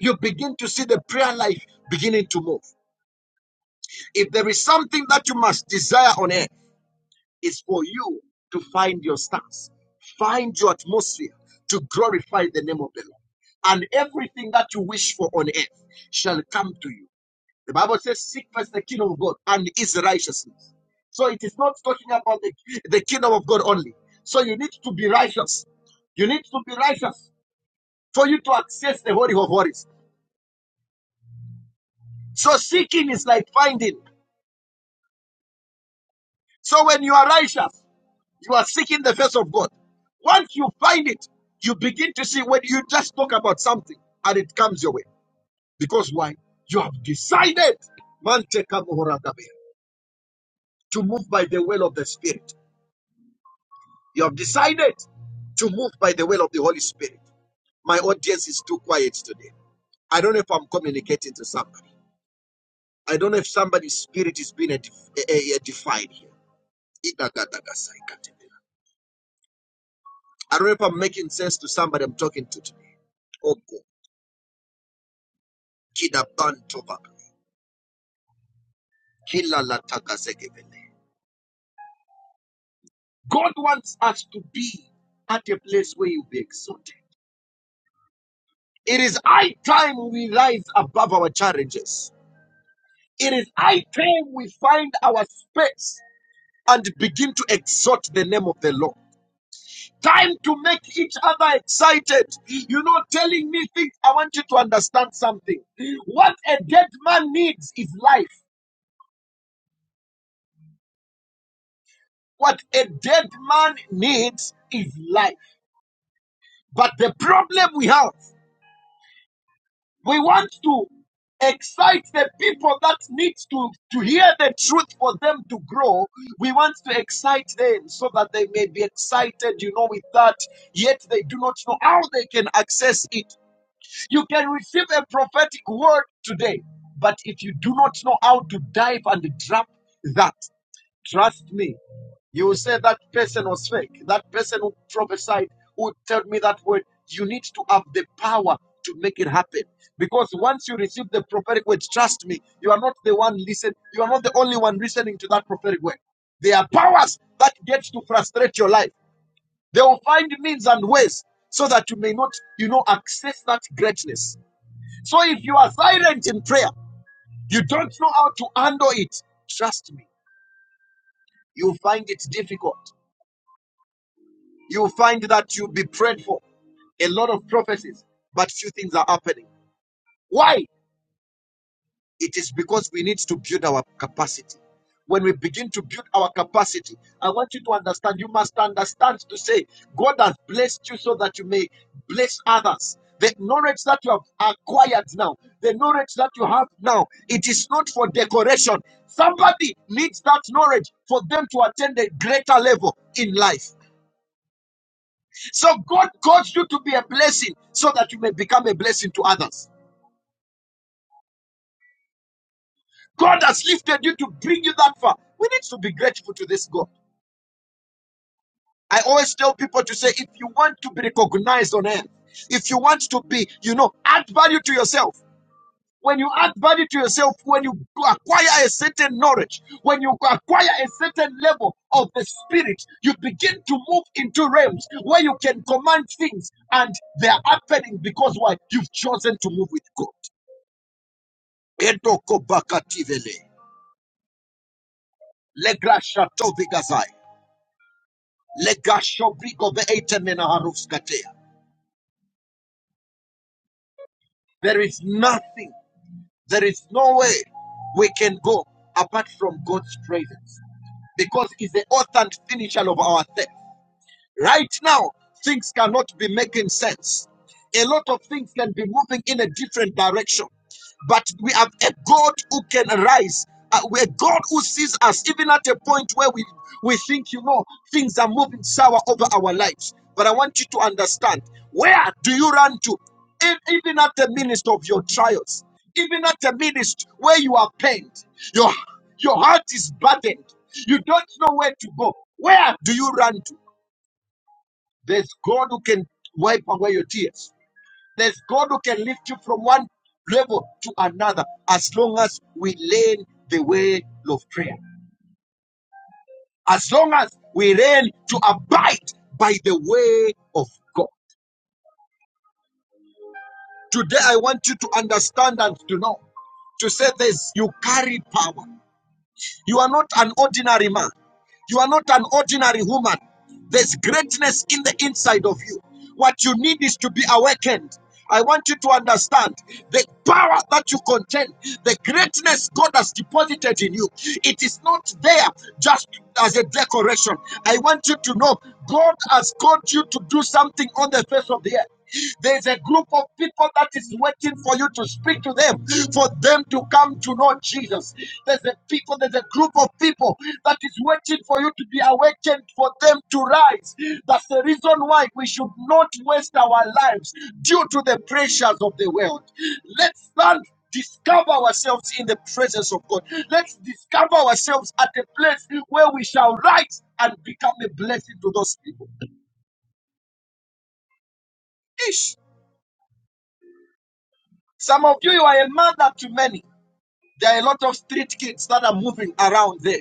[SPEAKER 1] you begin to see the prayer life beginning to move. If there is something that you must desire on earth, it's for you to find your stance, find your atmosphere to glorify the name of the Lord. And everything that you wish for on earth shall come to you. The Bible says, Seek first the kingdom of God and his righteousness. So it is not talking about the, the kingdom of God only. So you need to be righteous. You need to be righteous for you to access the Holy of Holies. So seeking is like finding. So when you are righteous, you are seeking the face of God. Once you find it, you begin to see when you just talk about something and it comes your way. Because why? You have decided Mante to move by the will of the Spirit. You have decided to move by the will of the Holy Spirit. My audience is too quiet today. I don't know if I'm communicating to somebody. I don't know if somebody's spirit is being edif- eh, eh, eh, defied here. I don't know if I'm making sense to somebody I'm talking to today. Oko, Kida Bantoba, God wants us to be at a place where you'll be exalted. It is high time we rise above our challenges. It is high time we find our space and begin to exalt the name of the Lord. Time to make each other excited. You're not telling me things. I want you to understand something. What a dead man needs is life. What a dead man needs is life. But the problem we have, we want to excite the people that need to, to hear the truth for them to grow. We want to excite them so that they may be excited, you know, with that, yet they do not know how they can access it. You can receive a prophetic word today, but if you do not know how to dive and drop that, trust me, you will say that person was fake. That person who prophesied, who told me that word, you need to have the power to make it happen. Because once you receive the prophetic word, trust me, you are not the one listen. You are not the only one listening to that prophetic word. There are powers that get to frustrate your life. They will find means and ways so that you may not, you know, access that greatness. So if you are silent in prayer, you don't know how to handle it. Trust me, you will find it difficult. you find that you be prayed for a lot of prophecies, but few things are happening. Why? It is because we need to build our capacity. When we begin to build our capacity, I want you to understand, you must understand to say, God has blessed you so that you may bless others. The knowledge that you have acquired now, the knowledge that you have now, it is not for decoration. Somebody needs that knowledge for them to attain a greater level in life. So God calls you to be a blessing so that you may become a blessing to others. God has lifted you to bring you that far. We need to be grateful to this God. I always tell people to say, if you want to be recognized on earth, if you want to be, you know, add value to yourself. When you add value to yourself, when you acquire a certain knowledge, when you acquire a certain level of the spirit, you begin to move into realms where you can command things and they are happening because why? You've chosen to move with God. Edoko bakativele. Legrasha tobigazai. Legasho brigo beete menaharuskatea. There is nothing, there is no way we can go apart from God's presence because He's the author and finisher of our faith. Right now, things cannot be making sense. A lot of things can be moving in a different direction. But we have a God who can arise, uh, a God who sees us, even at a point where we, we think, you know, things are moving sour over our lives. But I want you to understand where do you run to? E- Even at the midst of your trials, even at the midst where you are pained, your, your heart is burdened, you don't know where to go. Where do you run to? There's God who can wipe away your tears. There's God who can lift you from one level to another as long as we learn the way of prayer. As long as we learn to abide by the way of God. Today, I want you to understand and to know to say this you carry power. You are not an ordinary man. You are not an ordinary woman. There's greatness in the inside of you. What you need is to be awakened. I want you to understand the power that you contain, the greatness God has deposited in you. It is not there just as a decoration. I want you to know God has called you to do something on the face of the earth. There's a group of people that is waiting for you to speak to them, for them to come to know Jesus. There's a people, there's a group of people that is waiting for you to be awakened, for them to rise. That's the reason why we should not waste our lives due to the pressures of the world. Let's stand discover ourselves in the presence of God. Let's discover ourselves at a place where we shall rise and become a blessing to those people. Ish. Some of you, you are a mother to many. There are a lot of street kids that are moving around there.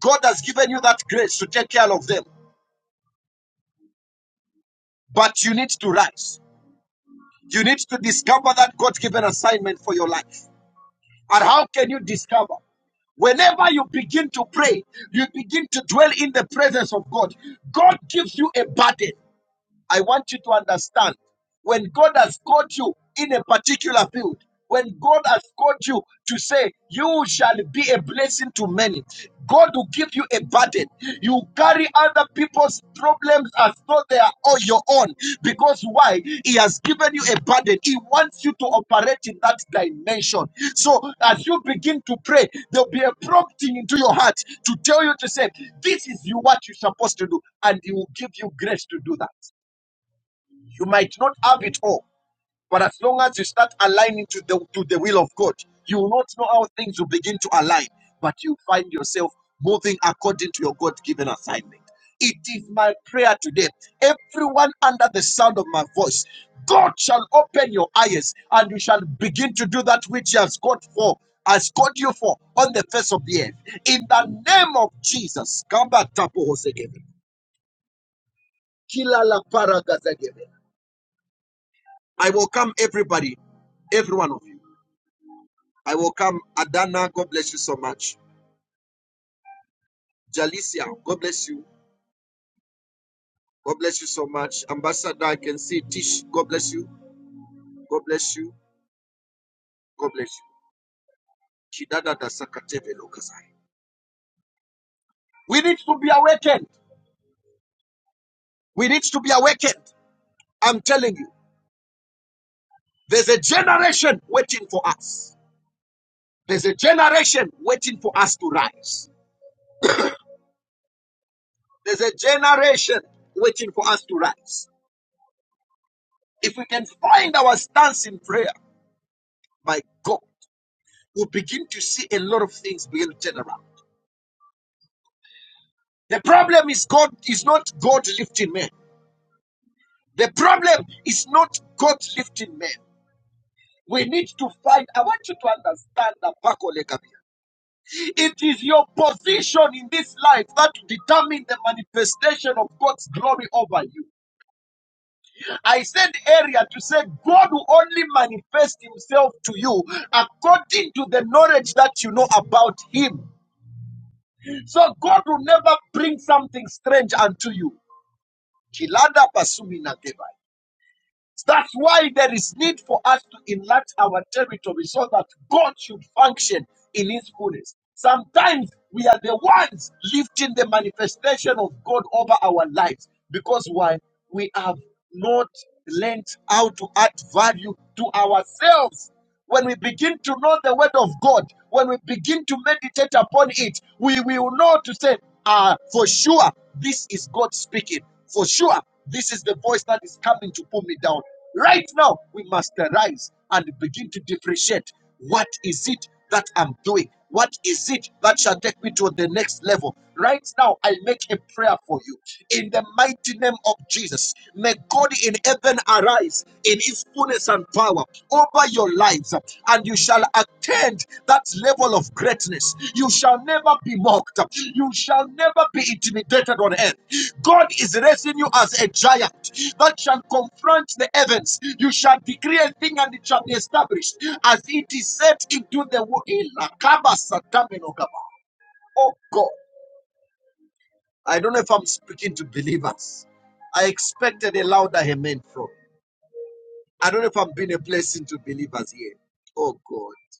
[SPEAKER 1] God has given you that grace to take care of them, but you need to rise. You need to discover that God's given assignment for your life. And how can you discover? Whenever you begin to pray, you begin to dwell in the presence of God. God gives you a burden. I want you to understand when God has called you in a particular field, when God has called you to say, You shall be a blessing to many, God will give you a burden. You carry other people's problems as though they are all your own. Because why? He has given you a burden. He wants you to operate in that dimension. So as you begin to pray, there'll be a prompting into your heart to tell you to say, This is you what you're supposed to do, and he will give you grace to do that. You might not have it all, but as long as you start aligning to the to the will of God, you will not know how things will begin to align, but you find yourself moving according to your God-given assignment. It is my prayer today. Everyone under the sound of my voice, God shall open your eyes and you shall begin to do that which He has called for, has called you for on the face of the earth. In the name of Jesus, Kamba Tapo Hosegebe, Kilala Paragazagebe. I welcome everybody, every one of you. I welcome Adana. God bless you so much. Jalicia, God bless you. God bless you so much. Ambassador, I can see Tish. God bless you. God bless you. God bless you. We need to be awakened. We need to be awakened. I'm telling you, there's a generation waiting for us. There's a generation waiting for us to rise. There's a generation waiting for us to rise. If we can find our stance in prayer, my God. you begin to see a lot of things begin to turn around. The problem is God is not God lifting men. The problem is not God lifting men. We need to find. I want you to understand that Paco Lekabia. It is your position in this life that determines the manifestation of God's glory over you. I said earlier to say God will only manifest himself to you according to the knowledge that you know about him. So God will never bring something strange unto you. Kilada Pasumina Debai. That's why there is need for us to enlarge our territory so that God should function in His fullness. Sometimes we are the ones lifting the manifestation of God over our lives because why? We have not learned how to add value to ourselves. When we begin to know the word of God, when we begin to meditate upon it, we will know to say, ah, for sure, this is God speaking. For sure, this is the voice that is coming to pull me down. Right now, we must arise and begin to differentiate what is it that I'm doing? What is it that shall take me to the next level? Right now, I make a prayer for you in the mighty name of Jesus. May God in heaven arise in his fullness and power over your lives, and you shall attain that level of greatness. You shall never be mocked, you shall never be intimidated on earth. God is raising you as a giant that shall confront the heavens. You shall decree a thing and it shall be established as it is set into the world. Oh God. I don't know if I'm speaking to believers. I expected a louder amen from. I don't know if I'm being a blessing to believers here. Oh God.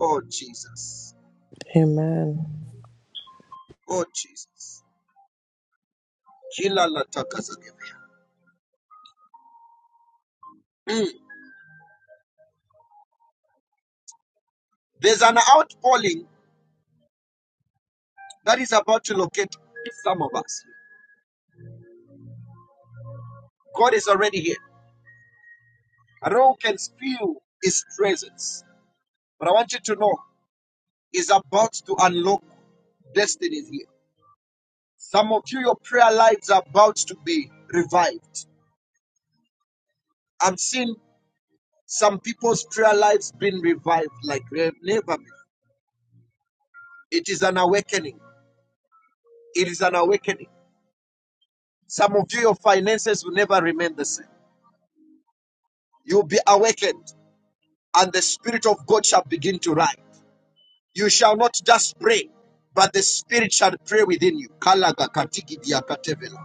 [SPEAKER 1] Oh Jesus.
[SPEAKER 5] Amen.
[SPEAKER 1] Oh Jesus. Kila la taka za Mm. There's an outpouring that is about to locate some of us. God is already here. I don't know who can feel his presence. But I want you to know he's about to unlock destinies here. Some of you, your prayer lives are about to be revived. I'm seeing Some people's prayer lives been revived like re- never before. It is an awakening. It is an awakening. Some of you, your finances will never remain the same. You'll be awakened, and the Spirit of God shall begin to rise. You shall not just pray, but the Spirit shall pray within you. Kalaga katigi dia katevela.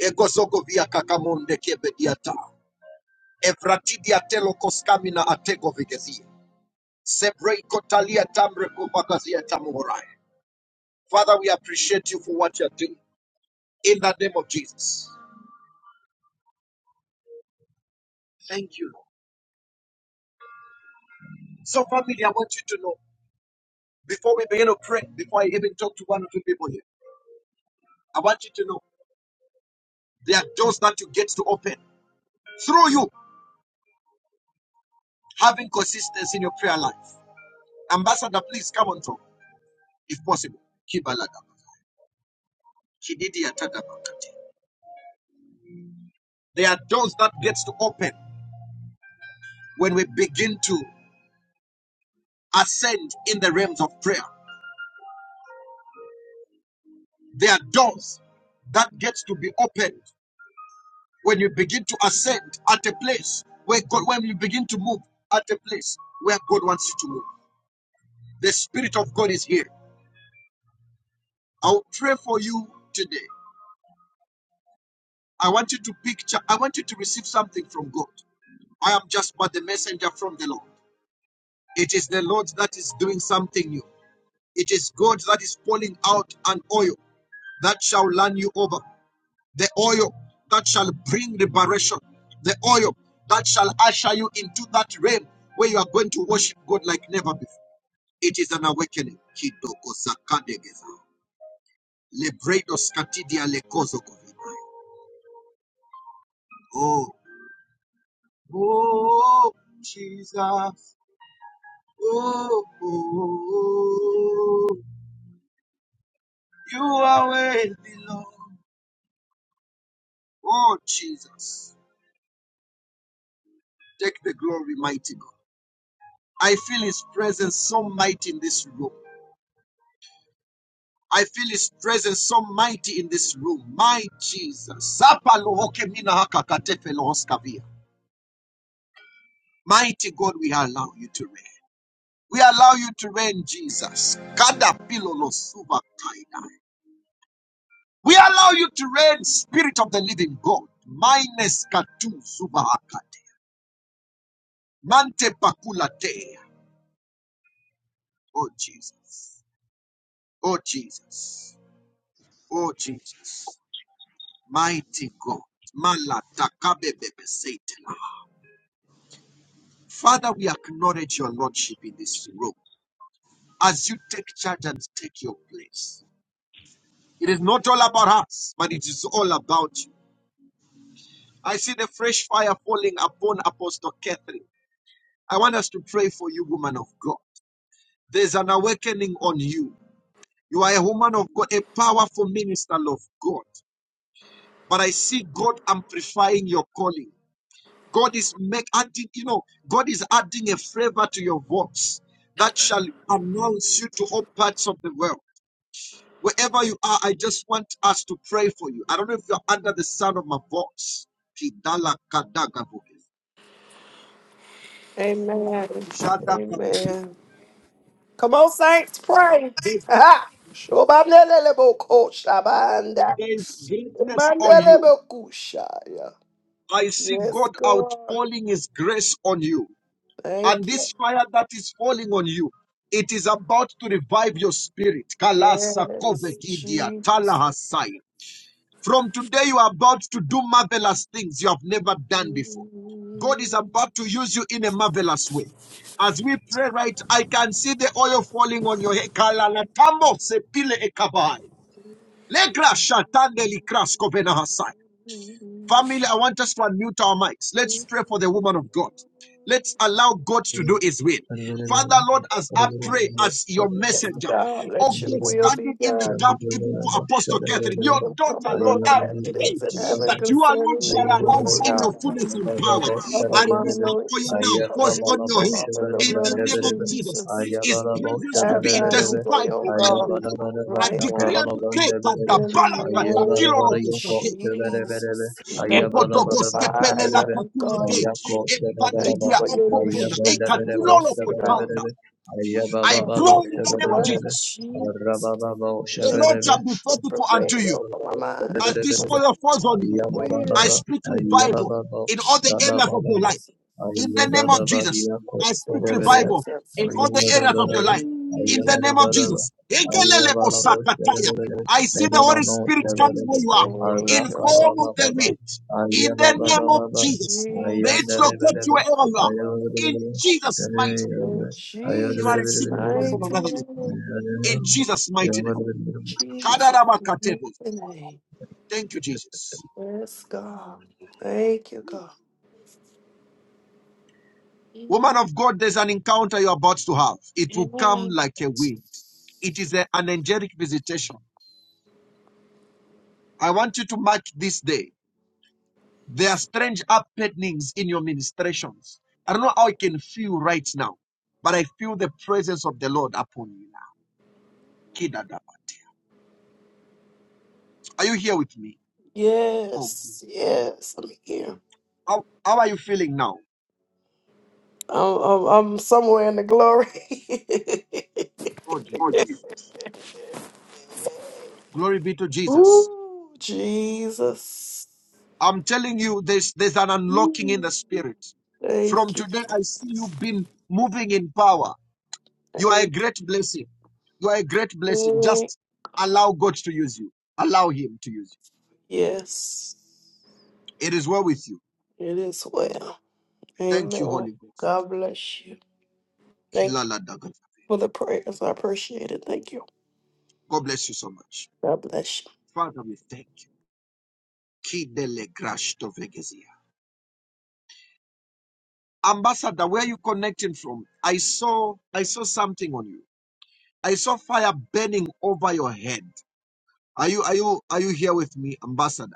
[SPEAKER 1] Egozogo via kakamonde kebe diata. Evratidia telokos kamina atego vigezia. Sebrei kotalia tamre kopakazia tamuhorai. Father, we appreciate you for what you're doing. in the name of Jesus. Thank you, Lord. So, family, I want you to know before we begin to pray, before I even talk to one or two people here, I want you to know there are doors that you get to open through you having consistency in your prayer life. Ambassador, please come on top if possible. Kibalada. Kididi atadabakati. There are doors that gets to open when we begin to ascend in the realms of prayer. There are doors that gets to be opened when you begin to ascend at a place where God, when you begin to move at a place where God wants you to move, the Spirit of God is here. I'll pray for you today. I want you to picture, I want you to receive something from God. I am just but the messenger from the Lord. It is the Lord that is doing something new. It is God that is pouring out an oil that shall run you over. the oil that shall bring liberation, the oil that shall usher you into that realm where you are going to worship God like never before. It is an awakening. Kidoko zakadegeza. Lebredos katidia lekozo kovidai. Oh, oh, Jesus. Oh, oh, oh. you are worthy, Lord. Oh, Jesus. Take the glory, mighty God. I feel his presence so mighty in this room. I feel His presence so mighty in this room. My Jesus. Zapa lohoke mina haka katefe lohoskavia. Mighty God, we allow you to reign. We allow you to reign, Jesus. Kada pilolo suva kaidai. We allow you to reign, Spirit of the Living God. Minus katu suva akate. Mante pakula te. Oh Jesus. Oh Jesus. Oh Jesus. Mighty God. Malata kabebebe setela. Father, we acknowledge your Lordship in this room as you take charge and take your place. It is not all about us, but it is all about you. I see the fresh fire falling upon Apostle Catherine. I want us to pray for you, woman of God. There's an awakening on you. You are a woman of God, a powerful minister of God. But I see God amplifying your calling. God is make adding, you know, God is adding a flavor to your voice that shall announce you to all parts of the world. Wherever you are, I just want us to pray for you. I don't know if you're under the sound of my voice. Kidala kadagavo.
[SPEAKER 2] Amen.
[SPEAKER 1] Shadakavo.
[SPEAKER 2] Amen. Come on, saints, pray.
[SPEAKER 1] There
[SPEAKER 2] Ha! Shobablelelebokoshabanda.
[SPEAKER 1] there is greatness on you.
[SPEAKER 2] Mandelebokushaya.
[SPEAKER 1] I see
[SPEAKER 2] Yes,
[SPEAKER 1] God
[SPEAKER 2] God.
[SPEAKER 1] outpouring His grace on you. And
[SPEAKER 2] Thank you.
[SPEAKER 1] this fire that is falling on you, it is about to revive your spirit. Kalasa
[SPEAKER 2] Yes,
[SPEAKER 1] kovekidia
[SPEAKER 2] Jesus.
[SPEAKER 1] talahasai. From today, you are about to do marvelous things you have never done before. God is about to use you in a marvelous way. As we pray right, I can see the oil falling on your head. Kalalatambo sepile ekabai. Legra shatande likras kovenahasai. Family, I want us to unmute our mics. Let's pray for the woman of God. Let's allow God to do his will. Father, Lord, as I pray as your
[SPEAKER 2] Yes,
[SPEAKER 1] messenger,
[SPEAKER 2] God,
[SPEAKER 1] oh
[SPEAKER 2] let your
[SPEAKER 1] God,
[SPEAKER 2] will be
[SPEAKER 1] standing in the
[SPEAKER 3] Ayya
[SPEAKER 2] done.
[SPEAKER 1] gap even for Apostle
[SPEAKER 2] Your
[SPEAKER 3] baba
[SPEAKER 1] Catherine, your
[SPEAKER 2] kingdom come
[SPEAKER 1] daughter,
[SPEAKER 2] on
[SPEAKER 1] Lord,
[SPEAKER 2] earth
[SPEAKER 1] I
[SPEAKER 2] as it
[SPEAKER 1] pray
[SPEAKER 2] is in heaven
[SPEAKER 1] that you alone
[SPEAKER 2] concerning
[SPEAKER 1] shall
[SPEAKER 2] me today,
[SPEAKER 1] arise in your
[SPEAKER 2] God.
[SPEAKER 1] fullness and power.
[SPEAKER 2] Cover
[SPEAKER 1] I
[SPEAKER 2] my
[SPEAKER 1] release that oil
[SPEAKER 2] anointing.
[SPEAKER 1] now,
[SPEAKER 2] Cover
[SPEAKER 1] falls
[SPEAKER 2] me,
[SPEAKER 1] on your head.
[SPEAKER 2] Father, in the
[SPEAKER 1] In
[SPEAKER 2] blood
[SPEAKER 1] the
[SPEAKER 2] of
[SPEAKER 1] name of Jesus,
[SPEAKER 2] Jesus.
[SPEAKER 1] his presence to
[SPEAKER 2] Have
[SPEAKER 1] be
[SPEAKER 2] thine own way,
[SPEAKER 1] intensified
[SPEAKER 2] oh
[SPEAKER 1] over
[SPEAKER 2] God,
[SPEAKER 1] your life. I
[SPEAKER 2] right
[SPEAKER 1] decree
[SPEAKER 2] now.
[SPEAKER 1] and declare
[SPEAKER 2] In
[SPEAKER 1] that
[SPEAKER 2] the name of
[SPEAKER 1] the balance
[SPEAKER 2] Jesus. We thank you for the
[SPEAKER 1] Ebodobostepele la
[SPEAKER 2] fire of
[SPEAKER 1] tokune
[SPEAKER 2] God.
[SPEAKER 1] de.
[SPEAKER 2] Thank you
[SPEAKER 1] Ebandidia
[SPEAKER 2] for your new
[SPEAKER 1] okobona.
[SPEAKER 2] strength and
[SPEAKER 1] Ekatulolo
[SPEAKER 2] mercy, God.
[SPEAKER 1] kotona.
[SPEAKER 3] baba
[SPEAKER 1] I
[SPEAKER 2] Cover me
[SPEAKER 1] pray in
[SPEAKER 2] in
[SPEAKER 1] the
[SPEAKER 2] the
[SPEAKER 1] name
[SPEAKER 3] şebere
[SPEAKER 1] of
[SPEAKER 2] blood
[SPEAKER 3] bere
[SPEAKER 2] of
[SPEAKER 1] Jesus.
[SPEAKER 2] Jesus.
[SPEAKER 3] Rababa
[SPEAKER 2] The
[SPEAKER 1] The
[SPEAKER 2] blood of
[SPEAKER 1] Lord
[SPEAKER 3] Shaberebe
[SPEAKER 1] shall be
[SPEAKER 2] Jesus
[SPEAKER 1] faithful
[SPEAKER 3] Ayah,
[SPEAKER 1] unto
[SPEAKER 2] prevail
[SPEAKER 1] you
[SPEAKER 2] over my mind,
[SPEAKER 1] as
[SPEAKER 2] over
[SPEAKER 1] this
[SPEAKER 2] my
[SPEAKER 1] oil
[SPEAKER 2] spirit,
[SPEAKER 1] falls on
[SPEAKER 2] over
[SPEAKER 1] you.
[SPEAKER 2] my
[SPEAKER 1] I
[SPEAKER 2] will.
[SPEAKER 1] speak revival in all the areas of your life.
[SPEAKER 2] Jesus.
[SPEAKER 1] In the name of Jesus, I speak
[SPEAKER 2] So the sun
[SPEAKER 1] revival
[SPEAKER 2] set
[SPEAKER 1] in
[SPEAKER 2] free
[SPEAKER 1] all the areas of
[SPEAKER 2] and
[SPEAKER 1] your
[SPEAKER 2] free.
[SPEAKER 1] life. In
[SPEAKER 2] indeed.
[SPEAKER 1] the name of Jesus. Ekelele osakataya. I see the Holy Spirit coming where you are.
[SPEAKER 2] Thank you, Lord.
[SPEAKER 1] Inform of the wind. In the name of Jesus. May it
[SPEAKER 2] Jesus.
[SPEAKER 1] locate you wherever you are. In Jesus' mighty name.
[SPEAKER 2] In
[SPEAKER 1] You are
[SPEAKER 2] Jesus'
[SPEAKER 1] receiving grace from
[SPEAKER 2] mighty
[SPEAKER 1] another name.
[SPEAKER 2] name.
[SPEAKER 1] In Jesus' mighty name.
[SPEAKER 2] Jesus' mighty
[SPEAKER 1] Kadarabakatebo.
[SPEAKER 2] name.
[SPEAKER 1] Thank you, Jesus.
[SPEAKER 2] Yes, God. Thank you, God.
[SPEAKER 1] Woman of God, there's an encounter you're about to have. It will come like a
[SPEAKER 2] Yes,
[SPEAKER 1] wind. It is a- an angelic visitation. I want you to mark this day. There are strange happenings in your ministrations. I don't know how I can feel right now, but I feel the presence of the Lord upon you now. Kidada. Are you here with me? Oh,
[SPEAKER 2] yes, I'm here.
[SPEAKER 1] how, how are you feeling now?
[SPEAKER 2] I'm, I'm, I'm somewhere in the glory.
[SPEAKER 1] Oh, Jesus.
[SPEAKER 6] I'm sorry.
[SPEAKER 1] Glory be to Jesus.
[SPEAKER 2] Ooh, Jesus.
[SPEAKER 1] I'm telling you, there's, there's an unlocking in
[SPEAKER 2] Ooh,
[SPEAKER 1] the spirit. From
[SPEAKER 2] Thank you.
[SPEAKER 1] today, I see you been moving in power. You are a
[SPEAKER 2] Thank
[SPEAKER 1] great blessing. You are a great blessing.
[SPEAKER 2] you.
[SPEAKER 1] Just allow God to use you. Allow Him to use
[SPEAKER 2] Yes,
[SPEAKER 1] you. It is well with you.
[SPEAKER 2] it is well.
[SPEAKER 1] Thank you,
[SPEAKER 2] Amen.
[SPEAKER 1] Holy Ghost.
[SPEAKER 2] God bless you. Thank you
[SPEAKER 1] Kilala daga.
[SPEAKER 2] for the prayers. I appreciate it. Thank you.
[SPEAKER 1] God bless you so much.
[SPEAKER 2] God bless
[SPEAKER 1] Father, we thank you. Kidele grash to vegezia. Ambassador, where are you connecting from? I saw I saw something on you. I saw fire burning over your head. Are you are you are you here with me, Ambassador?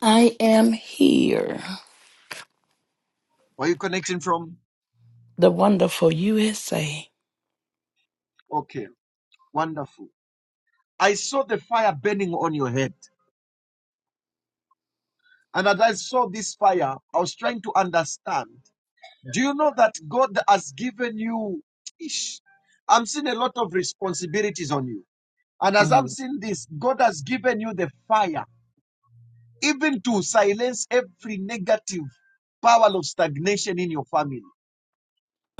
[SPEAKER 7] I am here.
[SPEAKER 1] Where are you connecting from?
[SPEAKER 7] The wonderful USA.
[SPEAKER 1] Okay, wonderful. I saw the fire burning on your head. And as I saw this fire, I was trying to understand. Do you know that God has given you? Ish, I'm seeing a lot of responsibilities on you. And as I'm
[SPEAKER 7] Mm.
[SPEAKER 1] seeing this, God has given you the fire, even to silence every negative power of stagnation in your family.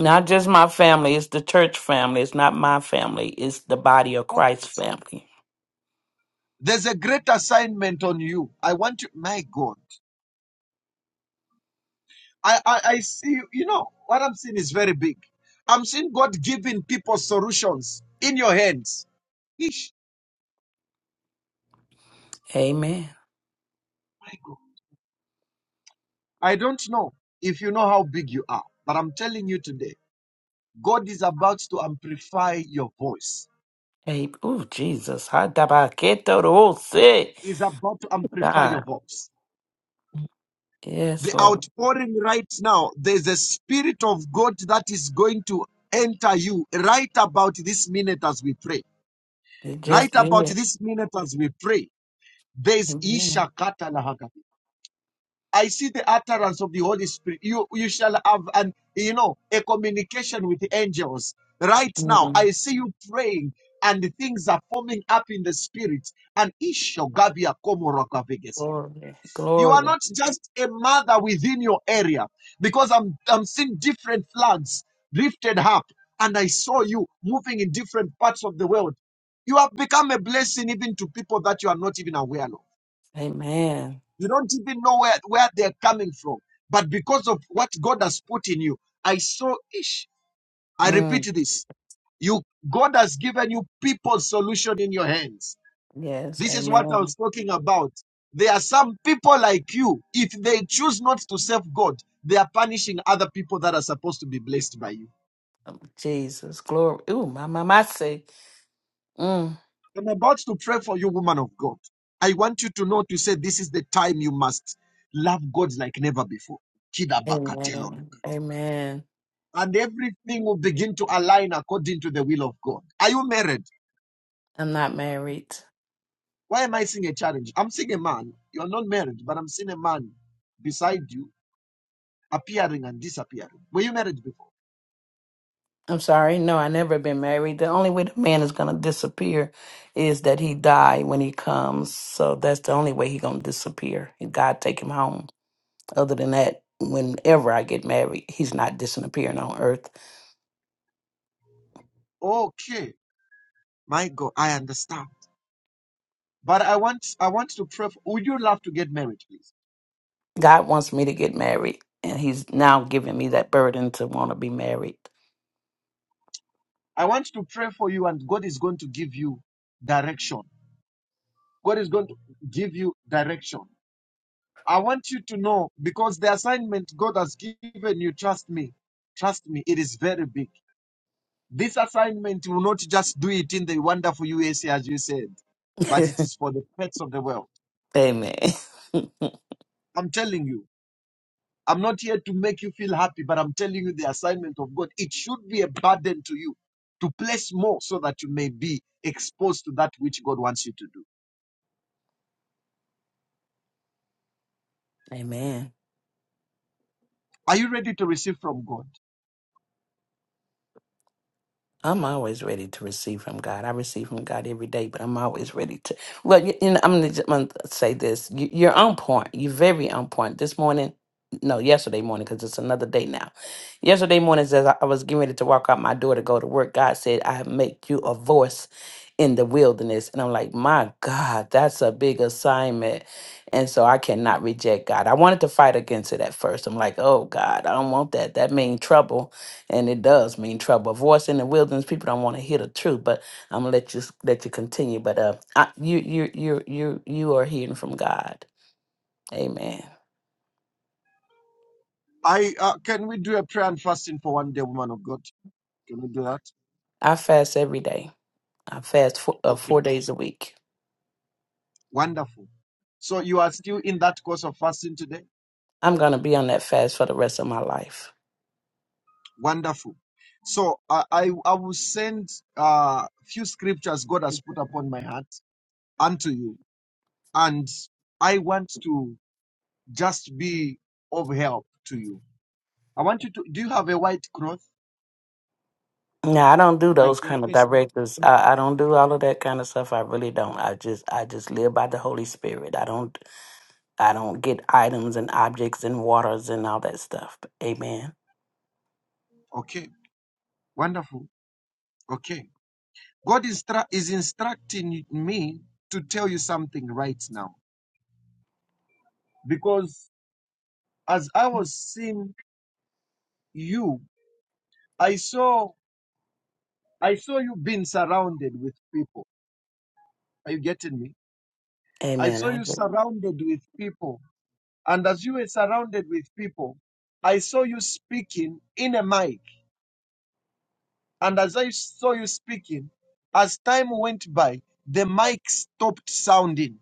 [SPEAKER 7] Not just my family, it's the church family. It's not my family, it's the body of
[SPEAKER 1] Oh,
[SPEAKER 7] Christ family.
[SPEAKER 1] There's a great assignment on you. I want you, my God. I, I, I see, you know, what I'm seeing is very big. I'm seeing God giving people solutions in your hands. Ish,
[SPEAKER 7] Amen.
[SPEAKER 1] my God. I don't know if you know how big you are, but I'm telling you today, God is about to amplify your voice.
[SPEAKER 7] Hey, oh, Jesus. Ha, da, ba, ke, to, ro, se.
[SPEAKER 1] Is about to amplify your
[SPEAKER 7] God.
[SPEAKER 1] voice.
[SPEAKER 7] Yes,
[SPEAKER 1] The
[SPEAKER 7] Lord.
[SPEAKER 1] outpouring right now, there's a spirit of God that is going to enter you right about this minute as we pray.
[SPEAKER 7] It
[SPEAKER 1] Right
[SPEAKER 7] just
[SPEAKER 1] about
[SPEAKER 7] did.
[SPEAKER 1] this minute as we pray. There's
[SPEAKER 7] Amen.
[SPEAKER 1] Ishakata Isha I see the utterance of the Holy Spirit. You you shall have an you know a communication with the angels. Right now,
[SPEAKER 7] Mm.
[SPEAKER 1] I see you praying and the things are forming up in the spirit. And Isho Gabia Komoro Gabegesia.
[SPEAKER 7] Glory.
[SPEAKER 1] You are
[SPEAKER 7] Glory.
[SPEAKER 1] not just a mother within your area because I'm I'm seeing different flags lifted up, and I saw you moving in different parts of the world. You have become a blessing even to people that you are not even aware of.
[SPEAKER 7] Amen.
[SPEAKER 1] You don't even know where, where they're coming from. But because of what God has put in you, I saw ish. I
[SPEAKER 7] Mm.
[SPEAKER 1] repeat this. You God has given you people's solution in your hands.
[SPEAKER 7] Yes,
[SPEAKER 1] This is what I was
[SPEAKER 7] amen.
[SPEAKER 1] talking about. There are some people like you, if they choose not to serve God, they are punishing other people that are supposed to be blessed by you.
[SPEAKER 7] Jesus. Glory. Ooh, my, my, my, say. Mm.
[SPEAKER 1] I'm about to pray for you, woman of God. I want you to know to say this is the time you must love God like never before.
[SPEAKER 7] Amen. Amen.
[SPEAKER 1] and everything will begin to align according to the will of God. Are you married?
[SPEAKER 7] I'm not married.
[SPEAKER 1] Why am I seeing a challenge? I'm seeing a man. You're not married, but I'm seeing a man beside you appearing and disappearing. Were you married before?
[SPEAKER 7] I'm sorry. No, I never been married. The only way the man is gonna disappear is that he die when he comes. So that's the only way he gonna disappear. God take him home. Other than that, whenever I get married, he's not disappearing on earth.
[SPEAKER 1] Okay. My God, I understand. But I want I want to pray for would you love to get married, please?
[SPEAKER 7] God wants me to get married, and he's now giving me that burden to want to be married.
[SPEAKER 1] I want to pray for you, and God is going to give you direction. God is going to give you direction. I want you to know because the assignment God has given you, trust me, trust me, it is very big This assignment will not just do it in the wonderful USA, as you said, but it is for the pets of the world.
[SPEAKER 7] Amen.
[SPEAKER 1] I'm telling you, I'm not here to make you feel happy, but I'm telling you the assignment of God. It should be a burden to you to place more so that you may be exposed to that which God wants you to do.
[SPEAKER 7] Amen.
[SPEAKER 1] Are you ready to receive from God?
[SPEAKER 7] I'm always ready to receive from God. I receive from God every day, but I'm always ready to. Well, you, you know, I'm gonna, say this. You, you're on point. You're very on point. This morning, no, yesterday morning, because it's another day now. Yesterday morning, as I I was getting ready to walk out my door to go to work, God said, "I have made you a voice in the wilderness," and I'm like, "My God, that's a big assignment." And so I cannot reject God. I wanted to fight against it at first. I'm like, oh God, I don't want that. That means trouble and it does mean trouble. A voice in the wilderness, people don't want to hear the truth. But I'm gonna let you s- let you continue. But uh, I, you you you you you are hearing from God. Amen.
[SPEAKER 1] I uh, can we do a prayer and fasting for one day, woman of God? Can we do that?
[SPEAKER 7] I fast every day. I fast four, uh,
[SPEAKER 1] Okay,
[SPEAKER 7] four days a week.
[SPEAKER 1] wonderful. So you are still in that course of fasting today?
[SPEAKER 7] I'm gonna be on that fast for the rest of my life.
[SPEAKER 1] Wonderful. So uh, I I will send uh few scriptures God has put upon my heart unto you, and I want to just be of help to you. I want you to. Do you have a white cloth
[SPEAKER 7] Now I don't do
[SPEAKER 1] like
[SPEAKER 7] those
[SPEAKER 1] your
[SPEAKER 7] kind of
[SPEAKER 1] face now?
[SPEAKER 7] directives. I, I don't do all of that kind of stuff. I really don't. I just I just live by the Holy Spirit. I don't I don't get items and objects and waters and all that stuff. Amen.
[SPEAKER 1] Okay, wonderful. Okay, God instru- is instructing me to tell you something right now because as I was seeing you, I saw I saw you being surrounded with people. Are you getting me? I
[SPEAKER 7] Amen.
[SPEAKER 1] saw
[SPEAKER 7] I
[SPEAKER 1] you
[SPEAKER 7] agree.
[SPEAKER 1] surrounded with people. And as you were surrounded with people, I saw you speaking in a mic. And as I saw you speaking, as time went by, the mic stopped sounding.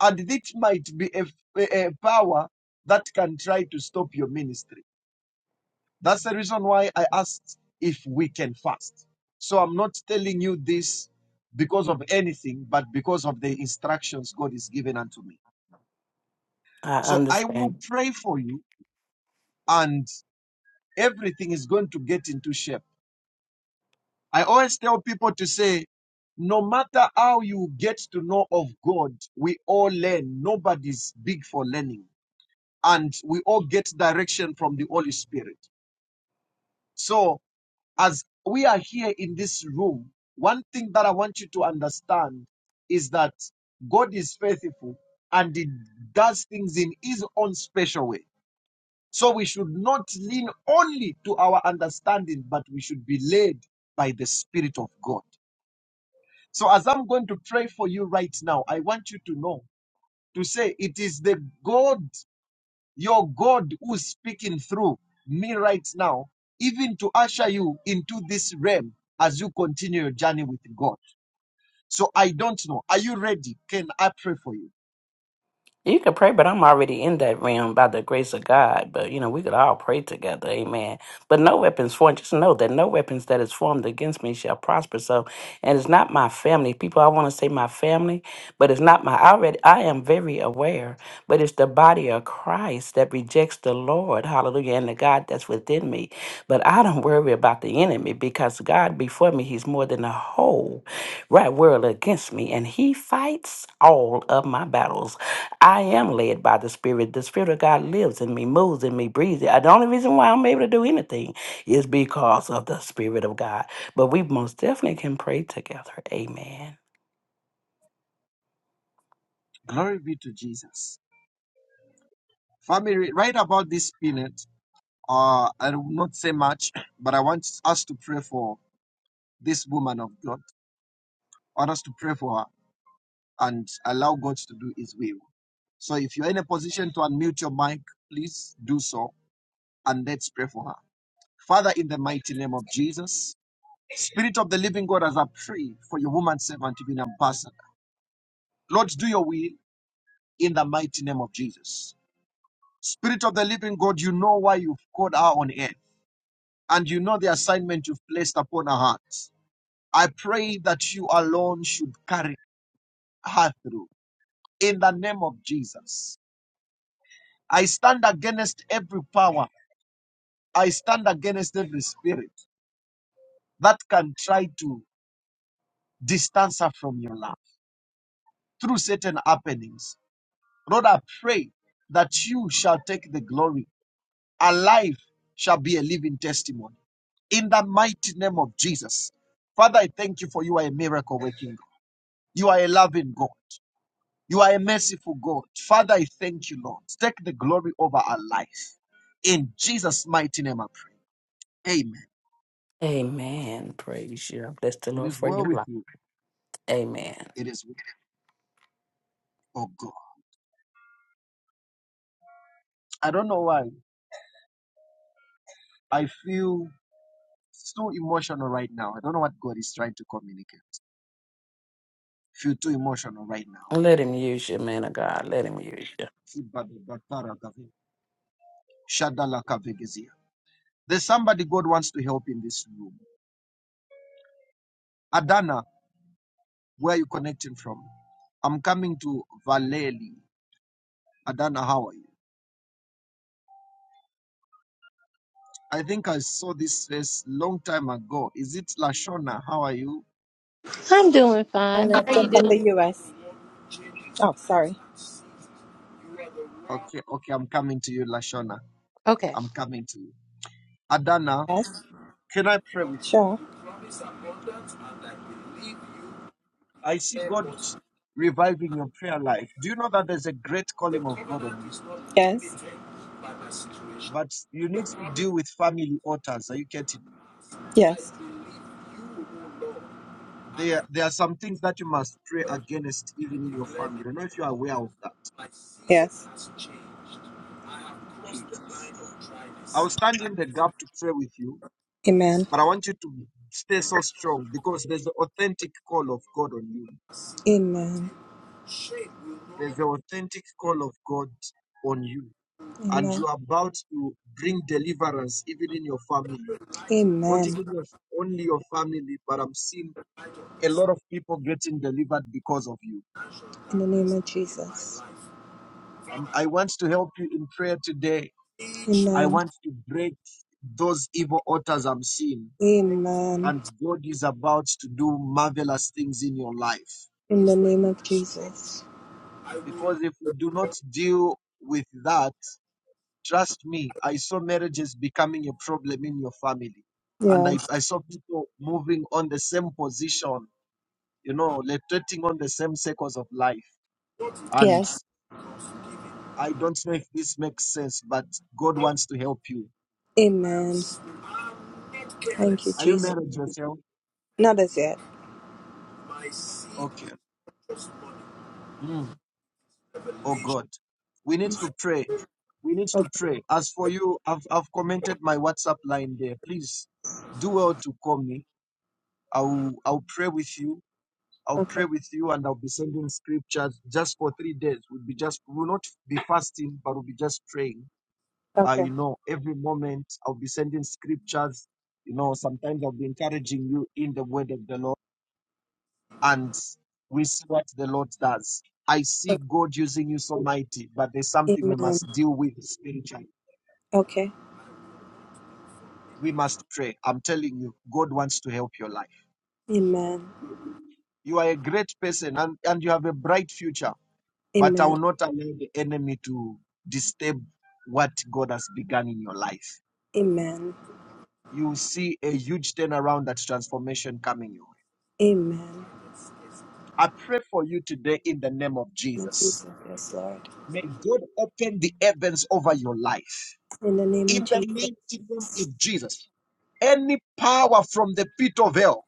[SPEAKER 1] And it might be a, a a power that can try to stop your ministry. That's the reason why I asked if we can fast. So I'm not telling you this because of anything, but because of the instructions God is giving unto me.
[SPEAKER 7] I
[SPEAKER 1] So I will
[SPEAKER 7] understand.
[SPEAKER 1] pray for you and everything is going to get into shape. I always tell people to say, no matter how you get to know of God, we all learn. Nobody's big for learning. And we all get direction from the Holy Spirit. So, as we are here in this room, one thing that I want you to understand is that God is faithful and He does things in His own special way. So we should not lean only to our understanding, but we should be led by the Spirit of God. So as I'm going to pray for you right now, I want you to know, to say, it is the God, your God, who's speaking through me right now, even to usher you into this realm as you continue your journey with God. So I don't know. Are you ready? Can I pray for you?
[SPEAKER 7] You can pray, but I'm already in that realm by the grace of God. But you know, we could all pray together, amen. But no weapons formed, just know that no weapons that is formed against me shall prosper. So and it's not my family. People I want to say my family, but it's not my I already I am very aware, but it's the body of Christ that rejects the Lord, hallelujah, and the God that's within me. But I don't worry about the enemy because God before me, He's more than a whole right world against me, and He fights all of my battles. I am led by the Spirit. The Spirit of God lives in me, moves in me, breathes. in- The only reason why I'm able to do anything is because of the Spirit of God. But we most definitely can pray together. Amen.
[SPEAKER 1] Glory be to Jesus. Family, right about this minute, Uh, I will not say much, but I want us to pray for this woman of God. I want us to pray for her and allow God to do His will. So if you're in a position to unmute your mic, please do so and let's pray for her. Father, in the mighty name of Jesus, Spirit of the living God, as I pray for your woman servant to be ambassador, Lord, do your will in the mighty name of Jesus. Spirit of the living God, you know why you've called her on earth and you know the assignment you've placed upon her heart. I pray that you alone should carry her through in the name of Jesus. I stand against every power, I stand against every spirit that can try to distance her from your love through certain happenings. Lord, I pray that you shall take the glory. Our life shall be a living testimony in the mighty name of Jesus. Father, I thank you for you are a miracle working God. You are a loving God. You are a merciful God. Father, I thank you, Lord. Take the glory over our life. In Jesus' mighty name, I pray. Amen.
[SPEAKER 7] Amen. Praise you. Bless the
[SPEAKER 1] It
[SPEAKER 7] Lord
[SPEAKER 1] is
[SPEAKER 7] for
[SPEAKER 1] well
[SPEAKER 7] your
[SPEAKER 1] with
[SPEAKER 7] life.
[SPEAKER 1] you.
[SPEAKER 7] Amen.
[SPEAKER 1] It is well, oh God. I don't know why. I feel so emotional right now. I don't know what God is trying to communicate. I feel too emotional right now.
[SPEAKER 7] Let him use you, man of God. Let him use you.
[SPEAKER 1] Shadalakavegezia. There's somebody God wants to help in this room. Adana, where are you connecting from? I'm coming to Valeri. Adana, how are you? I think I saw this face long time ago. Is it Lashona? How are you?
[SPEAKER 8] I'm doing fine.
[SPEAKER 9] And
[SPEAKER 8] How are you
[SPEAKER 9] I'm from
[SPEAKER 8] doing?
[SPEAKER 9] the US. Oh, sorry.
[SPEAKER 1] Okay, okay, I'm coming to you, Lashona.
[SPEAKER 8] Okay.
[SPEAKER 1] I'm coming to you. Adana,
[SPEAKER 9] Yes,
[SPEAKER 1] can I pray with you?
[SPEAKER 9] sure.
[SPEAKER 1] I see God reviving your prayer life. Do you know that there's a great calling of God on you?
[SPEAKER 9] Yes.
[SPEAKER 1] But you need to deal with family altars. Are you getting me?
[SPEAKER 9] Yes.
[SPEAKER 1] There, there are some things that you must pray against, even in your family. I don't know if you are aware of that.
[SPEAKER 9] Yes.
[SPEAKER 1] Jesus. I will stand in the gap to pray with you
[SPEAKER 9] Amen.
[SPEAKER 1] But I want you to stay so strong because there's the authentic call of God on you.
[SPEAKER 9] Amen.
[SPEAKER 1] There's the authentic call of God on you. And
[SPEAKER 9] Amen.
[SPEAKER 1] you are about to bring deliverance even in your family. Not
[SPEAKER 9] Amen.
[SPEAKER 1] even your, only your family, but I'm seeing a lot of people getting delivered because of you.
[SPEAKER 9] In the name of Jesus.
[SPEAKER 1] Um, I want to help you in prayer today. I
[SPEAKER 9] Amen.
[SPEAKER 1] want to break those evil altars I'm seeing.
[SPEAKER 9] Amen.
[SPEAKER 1] And God is about to do marvelous things in your life.
[SPEAKER 9] In the name of Jesus.
[SPEAKER 1] Because if we do not deal with that, trust me, I saw marriages becoming a problem in your family. And I,
[SPEAKER 9] Yes.
[SPEAKER 1] I saw people moving on the same position, you know, rotating on the same circles of life. And
[SPEAKER 9] Yes.
[SPEAKER 1] I don't know if this makes sense, but God wants to help you.
[SPEAKER 9] Amen. Thank you,
[SPEAKER 1] Are you
[SPEAKER 9] Jesus.
[SPEAKER 1] married yourself?
[SPEAKER 9] Not as yet.
[SPEAKER 1] Okay. Mm. Oh, God. We need to pray. We need
[SPEAKER 9] Okay.
[SPEAKER 1] to pray. As for you, I've, I've commented my WhatsApp line there. Please do well to call me I'll I'll pray with you. I'll
[SPEAKER 9] Okay.
[SPEAKER 1] pray with you, and I'll be sending scriptures just for three days. We'll be just we'll not be fasting, but we'll be just praying. Uh,
[SPEAKER 9] Okay.
[SPEAKER 1] you know, every moment I'll be sending scriptures. You know, sometimes I'll be encouraging you in the word of the Lord, and we see what the Lord does. I see God using you so mighty, but there's something we
[SPEAKER 9] Amen.
[SPEAKER 1] must deal with spiritually.
[SPEAKER 9] Okay.
[SPEAKER 1] We must pray. I'm telling you, God wants to help your life.
[SPEAKER 9] Amen.
[SPEAKER 1] You are a great person, and, and you have a bright future But I
[SPEAKER 9] Amen.
[SPEAKER 1] will not allow the enemy to disturb what God has begun in your life.
[SPEAKER 9] Amen.
[SPEAKER 1] You will see a huge turnaround, that transformation coming your way.
[SPEAKER 9] Amen.
[SPEAKER 1] I pray for you today in the name of
[SPEAKER 9] Lord
[SPEAKER 1] Jesus.
[SPEAKER 9] Jesus, yes, Lord.
[SPEAKER 1] May God open the heavens over your life.
[SPEAKER 9] In the name of
[SPEAKER 1] In the mighty name
[SPEAKER 9] Jesus.
[SPEAKER 1] of Jesus, any power from the pit of hell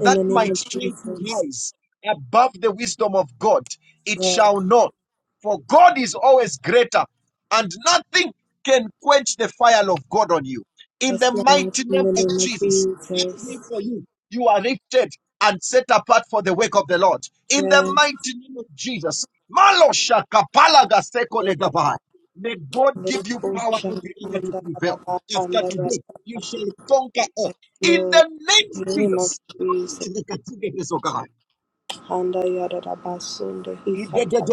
[SPEAKER 9] In the name
[SPEAKER 1] might
[SPEAKER 9] of
[SPEAKER 1] try to
[SPEAKER 9] Jesus.
[SPEAKER 1] rise above the wisdom of God, it
[SPEAKER 9] Lord.
[SPEAKER 1] shall not. For God is always greater, and nothing can quench the fire of God on you. In
[SPEAKER 9] Yes,
[SPEAKER 1] the
[SPEAKER 9] Lord.
[SPEAKER 1] mighty
[SPEAKER 9] In
[SPEAKER 1] name
[SPEAKER 9] the
[SPEAKER 1] of
[SPEAKER 9] name of
[SPEAKER 1] Jesus, I pray
[SPEAKER 9] Jesus.
[SPEAKER 1] for you. You are lifted and set apart for the work of the Lord. In the
[SPEAKER 9] Yes.
[SPEAKER 1] mighty name of Jesus, Malosha kapala gaseko
[SPEAKER 9] Lord.
[SPEAKER 1] legavai. May God give you
[SPEAKER 9] Leko
[SPEAKER 1] power every hour to prevail after today, you shall conquer all. In
[SPEAKER 9] Lord.
[SPEAKER 1] the name
[SPEAKER 9] In
[SPEAKER 1] of
[SPEAKER 9] the name of
[SPEAKER 1] Jesus.
[SPEAKER 9] Jesus.
[SPEAKER 1] In
[SPEAKER 9] Handa yada basunda hikata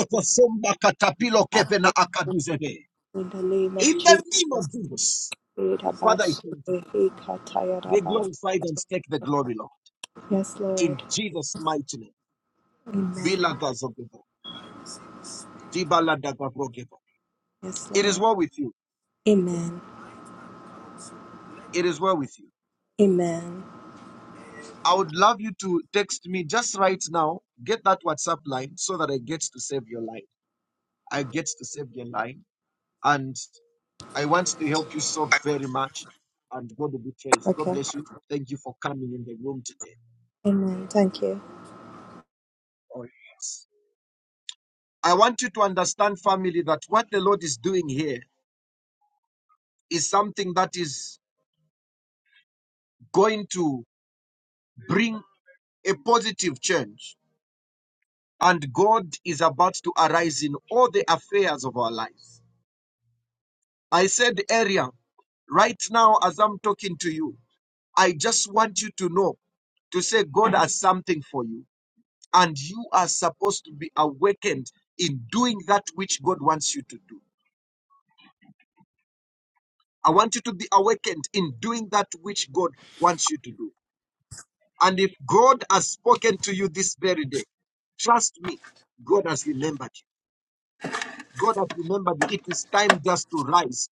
[SPEAKER 9] in the name of
[SPEAKER 1] the name of
[SPEAKER 9] Jesus.
[SPEAKER 1] Jesus.
[SPEAKER 9] Yada
[SPEAKER 1] Father, I thank you.
[SPEAKER 9] basunda hikata yada
[SPEAKER 1] Be
[SPEAKER 9] ba.
[SPEAKER 1] glorified and take the glory, Lord.
[SPEAKER 9] Yes,
[SPEAKER 1] In
[SPEAKER 9] Lord.
[SPEAKER 1] Jesus' mighty name. Bila
[SPEAKER 9] Amen.
[SPEAKER 1] gazogeba, dibala dagabrogeba.
[SPEAKER 9] Yes,
[SPEAKER 1] It is
[SPEAKER 9] Lord.
[SPEAKER 1] well with you.
[SPEAKER 9] Amen.
[SPEAKER 1] It is well with you.
[SPEAKER 9] Amen.
[SPEAKER 1] I would love you to text me just right now. Get that WhatsApp line so that I get to save your line. I get to save your line. And I want to help you so very much, and God will be praised. God
[SPEAKER 9] Okay.
[SPEAKER 1] bless you. Thank you for coming in the room today.
[SPEAKER 9] Amen. Thank you.
[SPEAKER 1] Oh, yes. I want you to understand, family, that what the Lord is doing here is something that is going to bring a positive change. And God is about to arise in all the affairs of our lives. I said earlier, right now, as I'm talking to you, I just want you to know to say God has something for you. and you are supposed to be awakened in doing that which God wants you to do. I want you to be awakened in doing that which God wants you to do. And if God has spoken to you this very day, trust me, God has remembered you. God has remembered you. It is time just to rise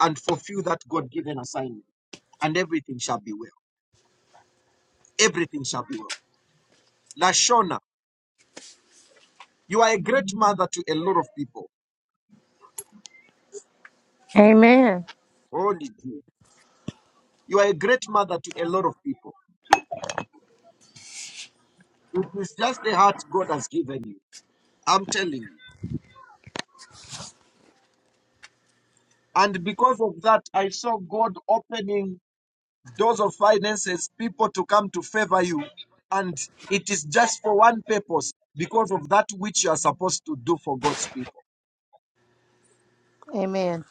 [SPEAKER 1] and fulfill that God given assignment, and everything shall be well. Everything shall be well. Lashona, you are a great mother to a lot of people.
[SPEAKER 8] Amen.
[SPEAKER 1] Holy dear. You are a great mother to a lot of people. It is just the heart God has given you. I'm telling you. And because of that, I saw God opening doors of finances, people to come to favor you. And it is just for one purpose because of that which you are supposed to do for God's people.
[SPEAKER 8] Amen.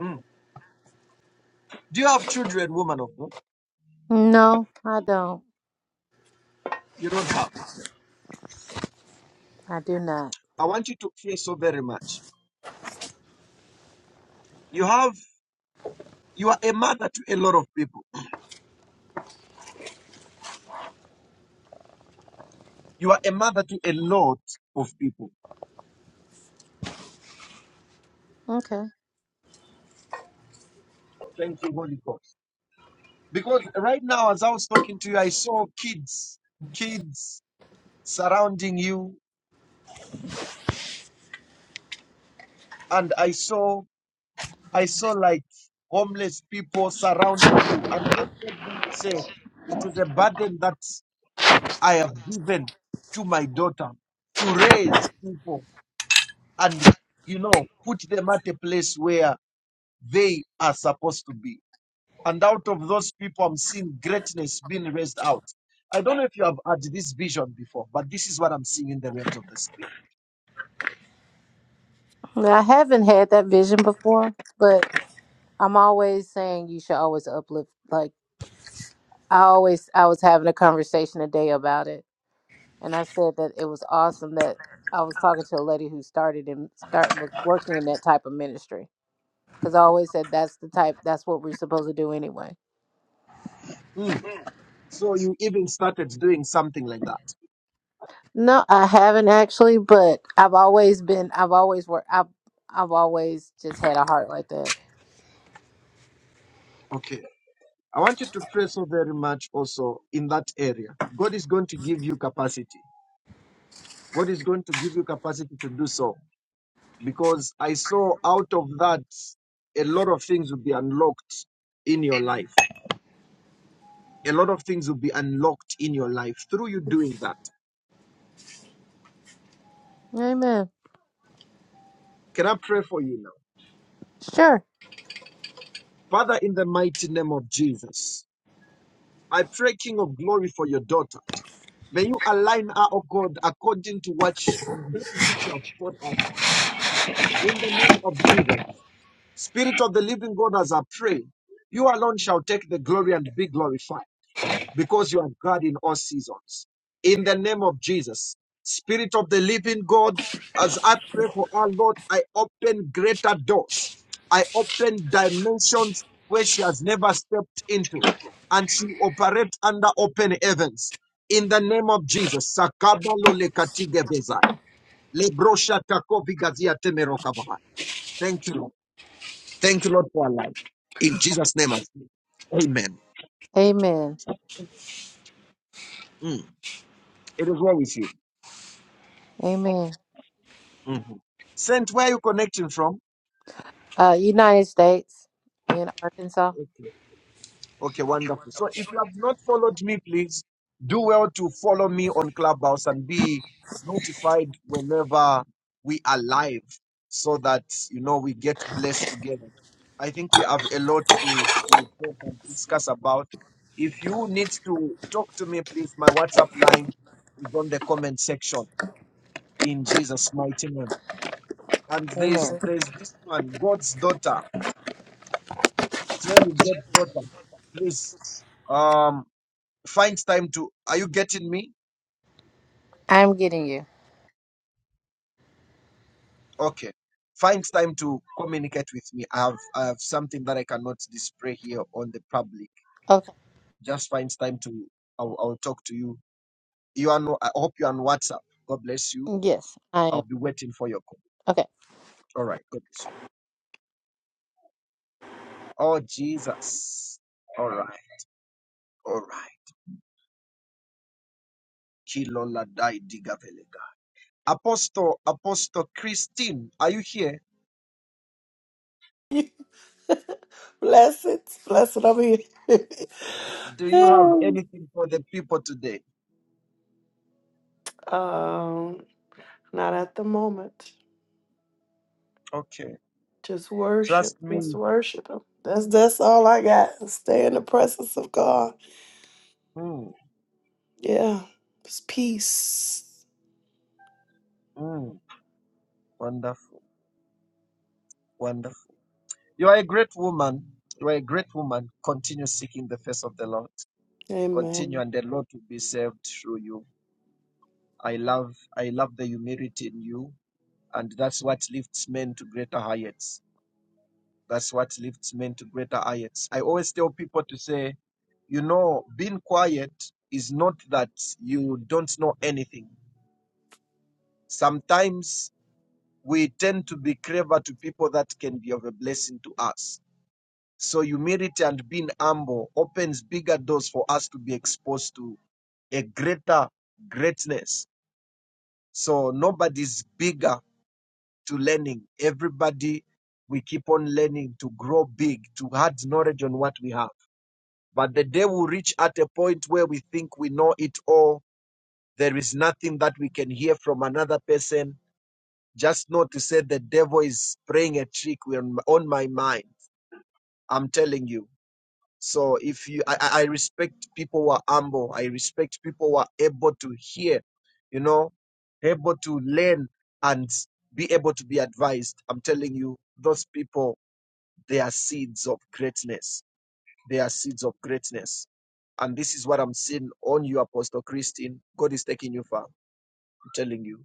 [SPEAKER 1] Mm. Do you have children, woman of God?
[SPEAKER 8] No, I don't.
[SPEAKER 1] You don't have.
[SPEAKER 8] I do not.
[SPEAKER 1] I want you to care so very much. You have, you are a mother to a lot of people. You are a mother to a lot of people.
[SPEAKER 8] Okay.
[SPEAKER 1] Thank you, Holy God. Because right now, as I was talking to you, I saw kids, kids surrounding you, and I saw, I saw like homeless people surrounding you. And God told me to say, it is a burden that I have given to my daughter to raise people and, you know, put them at a place where they are supposed to be. And out of those people, I'm seeing greatness being raised out. I don't know if you have had this vision before, but this is what I'm seeing in the realms of the spirit.
[SPEAKER 8] I haven't had that vision before, but I'm always saying you should always uplift. Like I always, I was having a conversation today about it, and I said that it was awesome that I was talking to a lady who started and start was working in that type of ministry because I always said that's the type. That's what we're supposed to do anyway.
[SPEAKER 1] Mm. So you even started doing something like that.
[SPEAKER 8] No, I haven't actually, but I've always been I've always worked I've I've always just had a heart like that.
[SPEAKER 1] Okay. I want you to pray so very much also in that area. God is going to give you capacity. God is going to give you capacity to do so because I saw out of that a lot of things will be unlocked in your life. A lot of things will be unlocked in your life through you doing that.
[SPEAKER 8] Amen.
[SPEAKER 1] Can I pray for you now?
[SPEAKER 8] Sure.
[SPEAKER 1] Father, in the mighty name of Jesus, I pray, King of glory, for your daughter. May you align her, oh God, according to what sh- that which you have called us. In the name of Jesus, Spirit of the living God, as I pray, you alone shall take the glory and be glorified. because you are God in all seasons. In the name of Jesus, Spirit of the living God, as I pray for our Lord, I open greater doors. I open dimensions where she has never stepped into, and she operates under open heavens. In the name of Jesus, Sakabalo Lekatigabeza, Lebrosha Takovigazia Temerokabaha. Thank you, Lord. Thank you, Lord, for our life. In Jesus' name, I pray. Amen.
[SPEAKER 8] Amen.
[SPEAKER 1] Mm. It is well with you.
[SPEAKER 8] Amen.
[SPEAKER 1] Mhm. Saint, where are you connecting from?
[SPEAKER 8] Uh United States and Arkansas.
[SPEAKER 1] Okay. Okay, wonderful. So if you have not followed me, please do well to follow me on Clubhouse and be notified whenever we are live so that you know we get blessed together. I think we have a lot to, to talk and discuss about. If you need to talk to me, please, my WhatsApp line is on the comment section in Jesus' mighty name. And
[SPEAKER 8] Amen.
[SPEAKER 1] there's there's this man, God's daughter. Still you get better? Please, um, find time to. Are you getting me?
[SPEAKER 8] I'm getting you.
[SPEAKER 1] Okay. Find time to communicate with me. I have, I have something that I cannot display here on the public.
[SPEAKER 8] Okay.
[SPEAKER 1] Just find time to. I'll, I'll talk to you. You are. No, I hope you are on WhatsApp. God bless you.
[SPEAKER 8] Yes, I
[SPEAKER 1] I'll
[SPEAKER 8] am.
[SPEAKER 1] be waiting for your call.
[SPEAKER 8] Okay.
[SPEAKER 1] All right. God bless you. Oh Jesus. All right. All right. Kilola dai diga velega. Apostle, Apostle Christine, are you here?
[SPEAKER 2] you. Blessed, blessed I'm here.
[SPEAKER 1] Do you have anything for the people today?
[SPEAKER 2] um, not at the moment.
[SPEAKER 1] Okay.
[SPEAKER 2] Just worship,
[SPEAKER 1] Trust
[SPEAKER 2] just
[SPEAKER 1] me.
[SPEAKER 2] worship Him. That's that's all I got. Stay in the presence of God.
[SPEAKER 1] Mm,
[SPEAKER 2] Yeah, it's peace.
[SPEAKER 1] mm, wonderful. Wonderful. You are a great woman. You are a great woman. Continue seeking the face of the Lord. Continue
[SPEAKER 2] Amen.
[SPEAKER 1] and the Lord will be saved through you. I love I love the humility in you. And that's what lifts men to greater heights. That's what lifts men to greater heights. I always tell people to say, you know, being quiet is not that you don't know anything. Sometimes we tend to be clever to people that can be of a blessing to us. So humility and being humble opens bigger doors for us to be exposed to a greater greatness. So nobody's bigger to learning. Everybody, we keep on learning to grow big, to add knowledge on what we have. But the day we reach at a point where we think we know it all, there is nothing that we can hear from another person. Just not to say the devil is playing a trick on on my mind I'm telling you. So if you, I, I I respect people who are humble. I respect people who are able to hear, you know, able to learn and be able to be advised. I'm telling you, those people, they are seeds of greatness. They are seeds of greatness. And this is what I'm seeing on you, Apostle Christine. God is taking you far. I'm telling you,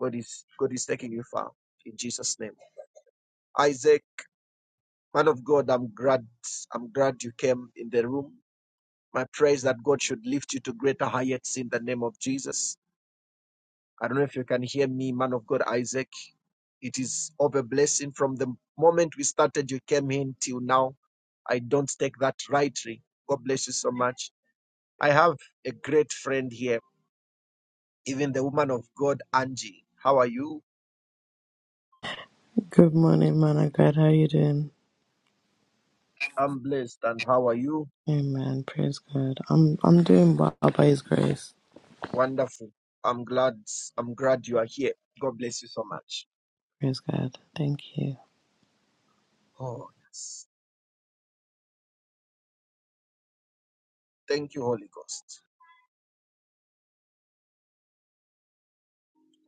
[SPEAKER 1] God is, God is taking you far in Jesus' name. Isaac, man of God, I'm glad, I'm glad you came in the room My prayer is that God should lift you to greater heights in the name of Jesus. I don't know if you can hear me, man of God, Isaac. It is of a blessing from the moment we started, you came in till now. I don't take that rightly. God bless you so much. I have a great friend here, even the woman of God, Angie. How are you?
[SPEAKER 5] Good morning, man of God. How you doing?
[SPEAKER 1] I'm blessed. And how are you?
[SPEAKER 5] Amen. Praise God. I'm I'm doing well by His grace.
[SPEAKER 1] Wonderful. I'm glad. I'm glad you are here. God bless you so much.
[SPEAKER 5] Praise God. Thank you.
[SPEAKER 1] Oh, yes. Thank you, Holy Ghost.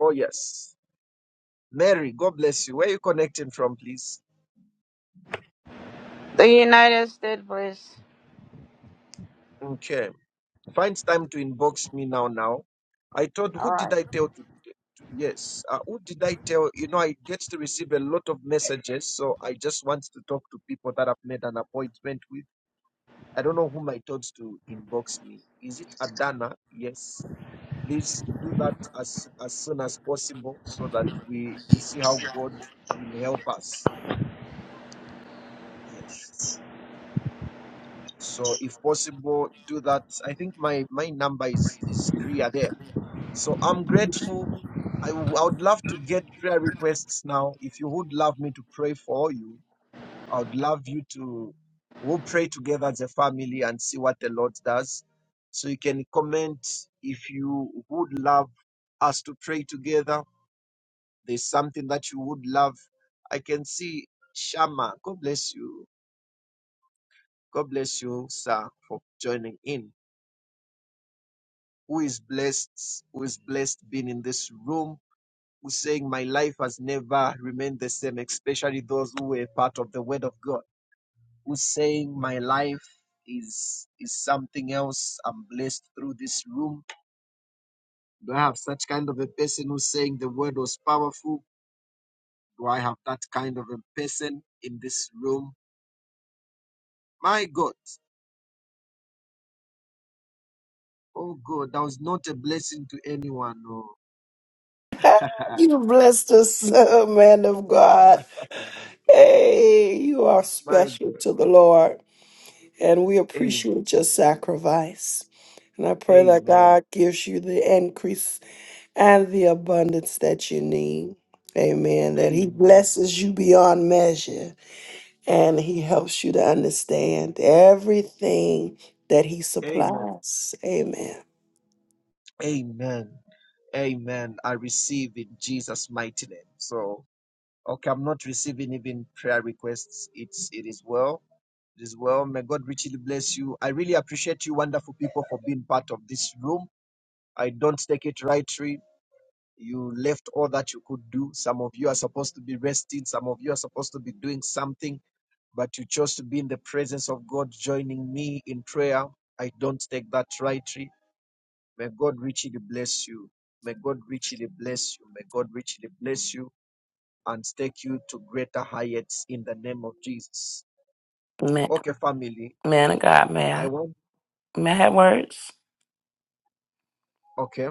[SPEAKER 1] Oh, yes. Mary, God bless you. Where are you connecting from, please?
[SPEAKER 10] The United States, please.
[SPEAKER 1] Okay. Find time to inbox me now. Now, I thought, who
[SPEAKER 10] All
[SPEAKER 1] did
[SPEAKER 10] right.
[SPEAKER 1] I tell to? to- Yes, uh, who did I tell? You know, I get to receive a lot of messages, so I just want to talk to people that I've made an appointment with. I don't know whom I told to inbox me. Is it Adana? Yes. Please do that as as soon as possible, so that we we see how God will help us. Yes. So if possible, do that. I think my my number is is clear there. So I'm grateful. I, w- I would love to get prayer requests now. If you would love me to pray for you, I would love you to. We'll pray together as a family and see what the Lord does. So you can comment if you would love us to pray together. There's something that you would love. I can see Shama. God bless you. God bless you, sir, for joining in. who is blessed, who is blessed being in this room, who's saying, My life has never remained the same, especially those who were part of the word of God, who's saying, My life is is something else. I'm blessed through this room. Do I have such kind of a person who's saying the word was powerful? Do I have that kind of a person in this room? My God. Oh God, that was not a blessing to anyone. Oh.
[SPEAKER 2] You blessed us, man of God. Hey, you are
[SPEAKER 1] My
[SPEAKER 2] special
[SPEAKER 1] God.
[SPEAKER 2] to the Lord, and we
[SPEAKER 1] Amen.
[SPEAKER 2] appreciate your sacrifice. And I pray that
[SPEAKER 1] Amen.
[SPEAKER 2] God gives you the increase and the abundance that you need. Amen. That He
[SPEAKER 1] Amen.
[SPEAKER 2] blesses you beyond measure and He helps you to understand everything that He
[SPEAKER 1] Amen.
[SPEAKER 2] supplies. Amen.
[SPEAKER 1] Amen. Amen. I receive in Jesus' mighty name. So, okay, I'm not receiving even prayer requests. It's it is well. It is well. May God richly bless you. I really appreciate you, wonderful people, for being part of this room. I don't take it rightly. You left all that you could do. Some of you are supposed to be resting. Some of you are supposed to be doing something, but you chose to be in the presence of God, joining me in prayer. I don't take that rightly. May God richly bless you. May God richly bless you. May God richly bless you and take you to greater heights in the name of Jesus.
[SPEAKER 7] Man,
[SPEAKER 1] Okay, family.
[SPEAKER 7] man of God, may
[SPEAKER 1] I
[SPEAKER 7] I,
[SPEAKER 1] want,
[SPEAKER 7] may I have words?
[SPEAKER 1] okay.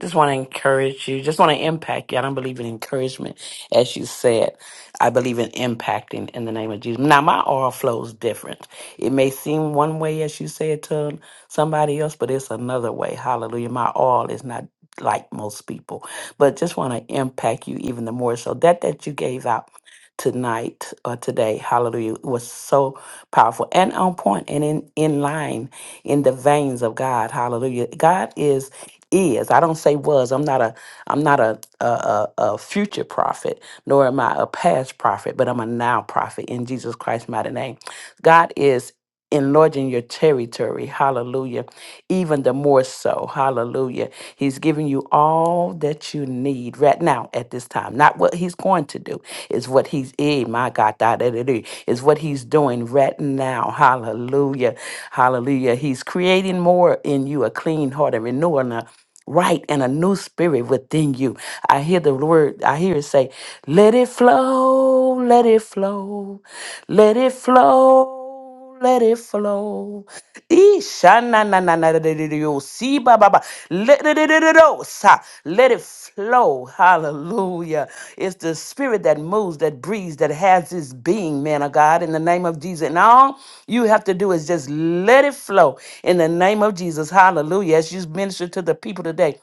[SPEAKER 7] Just want to encourage you. Just want to impact you. I don't believe in encouragement, as you said. I believe in impacting in the name of Jesus. Now, my oil flows different. It may seem one way, as you said, to somebody else, but it's another way. Hallelujah. My oil is not like most people, but just want to impact you even the more. So that that you gave out tonight or today, hallelujah, was so powerful and on point and in, in line in the veins of God. Hallelujah. God is is. I don't say was. I'm not a I'm not a a, a, a future prophet, nor am I a past prophet, but I'm a now prophet in Jesus Christ's mighty name. God is enlarging your territory. Hallelujah. Even the more so. Hallelujah. He's giving you all that you need right now at this time. Not what he's going to do. It's what he's eh, my God, da, da, da, da. It's what he's doing right now. Hallelujah. Hallelujah. He's creating more in you, a clean heart, a renewal, a right and a new spirit within you. I hear the word, I hear it say, let it flow, let it flow, let it flow. Let it flow. Isha na na na na de- de- de- yo. See ba ba ba. Let de- de- de- de- do, sa. Let it flow. Hallelujah. It's the spirit that moves, that breathes, that has its being, man of God, in the name of Jesus. And all you have to do is just let it flow in the name of Jesus. Hallelujah. As you minister to the people today.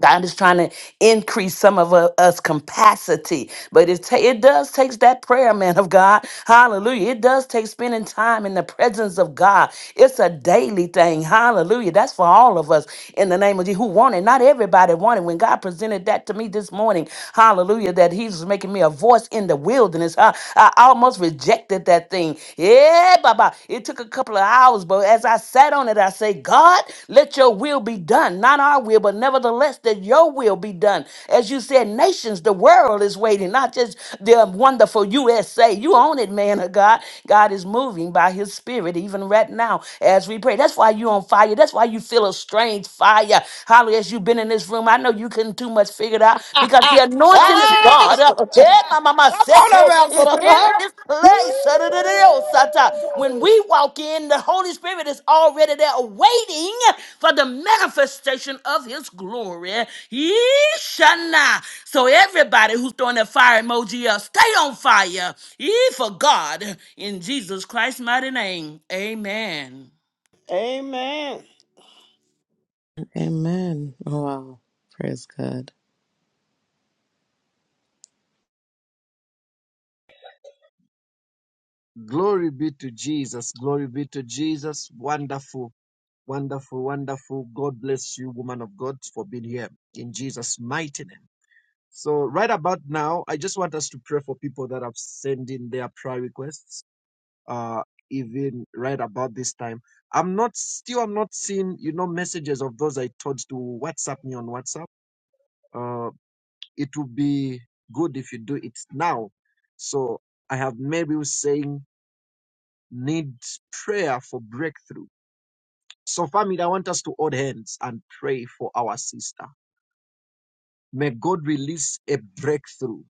[SPEAKER 7] God is trying to increase some of u- us capacity, but it ta- it does takes that prayer, man of God. Hallelujah! It does take spending time in the presence of God. It's a daily thing. Hallelujah! That's for all of us in the name of Jesus who want it. Not everybody want it. When God presented that to me this morning, Hallelujah! That He's making me a voice in the wilderness. I, I almost rejected lifted that thing. Yeah, Baba. It took a couple of hours, but as I sat on it, I say, God, let your will be done. Not our will, but nevertheless, that your will be done. As you said, nations, the world is waiting, not just the wonderful USA. You own it, man of God. God is moving by his spirit, even right now, as we pray. That's why you on fire. That's why you feel a strange fire. Hallelujah. As you've been in this room, I know you couldn't too much figure it out because the anointing of
[SPEAKER 2] Ah!
[SPEAKER 7] God. uh, Hey, my mama seke is in this place. Sata, When we walk in, the Holy Spirit is already there waiting for the manifestation of his glory. Yeeshana. So everybody who's throwing that fire emoji up, stay on fire. Ye for God in Jesus Christ's mighty name. Amen.
[SPEAKER 2] Amen.
[SPEAKER 5] Amen. Wow. Praise God.
[SPEAKER 1] Glory be to Jesus. Glory be to Jesus. Wonderful, wonderful, wonderful. God bless you, woman of God, for being here in Jesus' mighty name. So, right about now, I just want us to pray for people that have sent in their prayer requests uh, even right about this time. I'm not still I'm not seeing you know messages of those I told to WhatsApp me on WhatsApp. Uh, it would be good if you do it now. So I have made saying need prayer for breakthrough. So family, I want us to hold hands and pray for our sister. May God release a breakthrough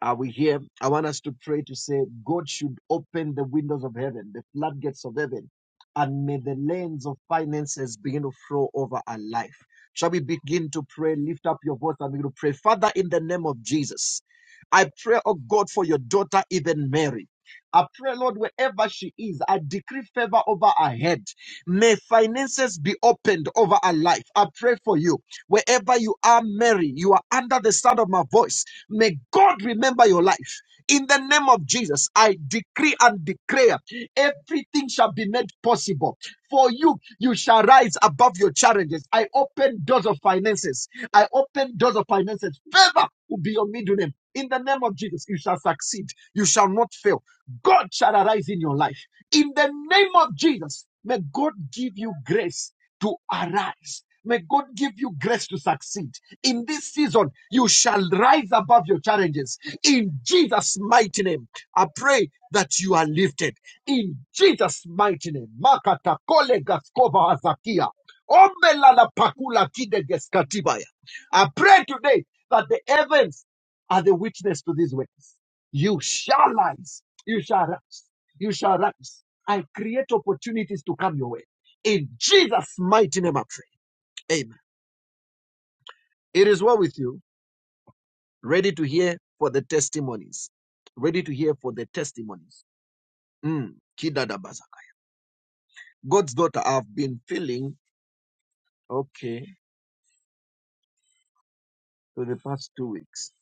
[SPEAKER 1] Are we here? I want us to pray to say, God should open the windows of heaven, the floodgates of heaven, and may the lanes of finances begin to flow over our life. Shall we begin to pray? Lift up your voice and begin to pray. Father, in the name of Jesus, I pray, oh God, for your daughter, even Mary. I pray, Lord, wherever she is, I decree favor over her head. May finances be opened over her life. I pray for you. Wherever you are, Mary, you are under the sound of my voice. May God remember your life. In the name of Jesus, I decree and declare everything shall be made possible. For you, you shall rise above your challenges. I open doors of finances. I open doors of finances. Favor will be your middle name. In the name of Jesus, you shall succeed. You shall not fail. God shall arise in your life. In the name of Jesus, may God give you grace to arise. May God give you grace to succeed. In this season, you shall rise above your challenges. In Jesus' mighty name, I pray that you are lifted. In Jesus' mighty name. Makata kole gaskova azakia. Omela la pakula kide geskatibaya. I pray today that the heavens are the witness to these words. You shall rise. You shall rise. You shall rise. I create opportunities to come your way. In Jesus' mighty name, I pray. Amen. It is well with you. Ready to hear for the testimonies. Ready to hear for the testimonies. Mm. Kidadabaza. God's daughter, I've been feeling okay for the past two weeks.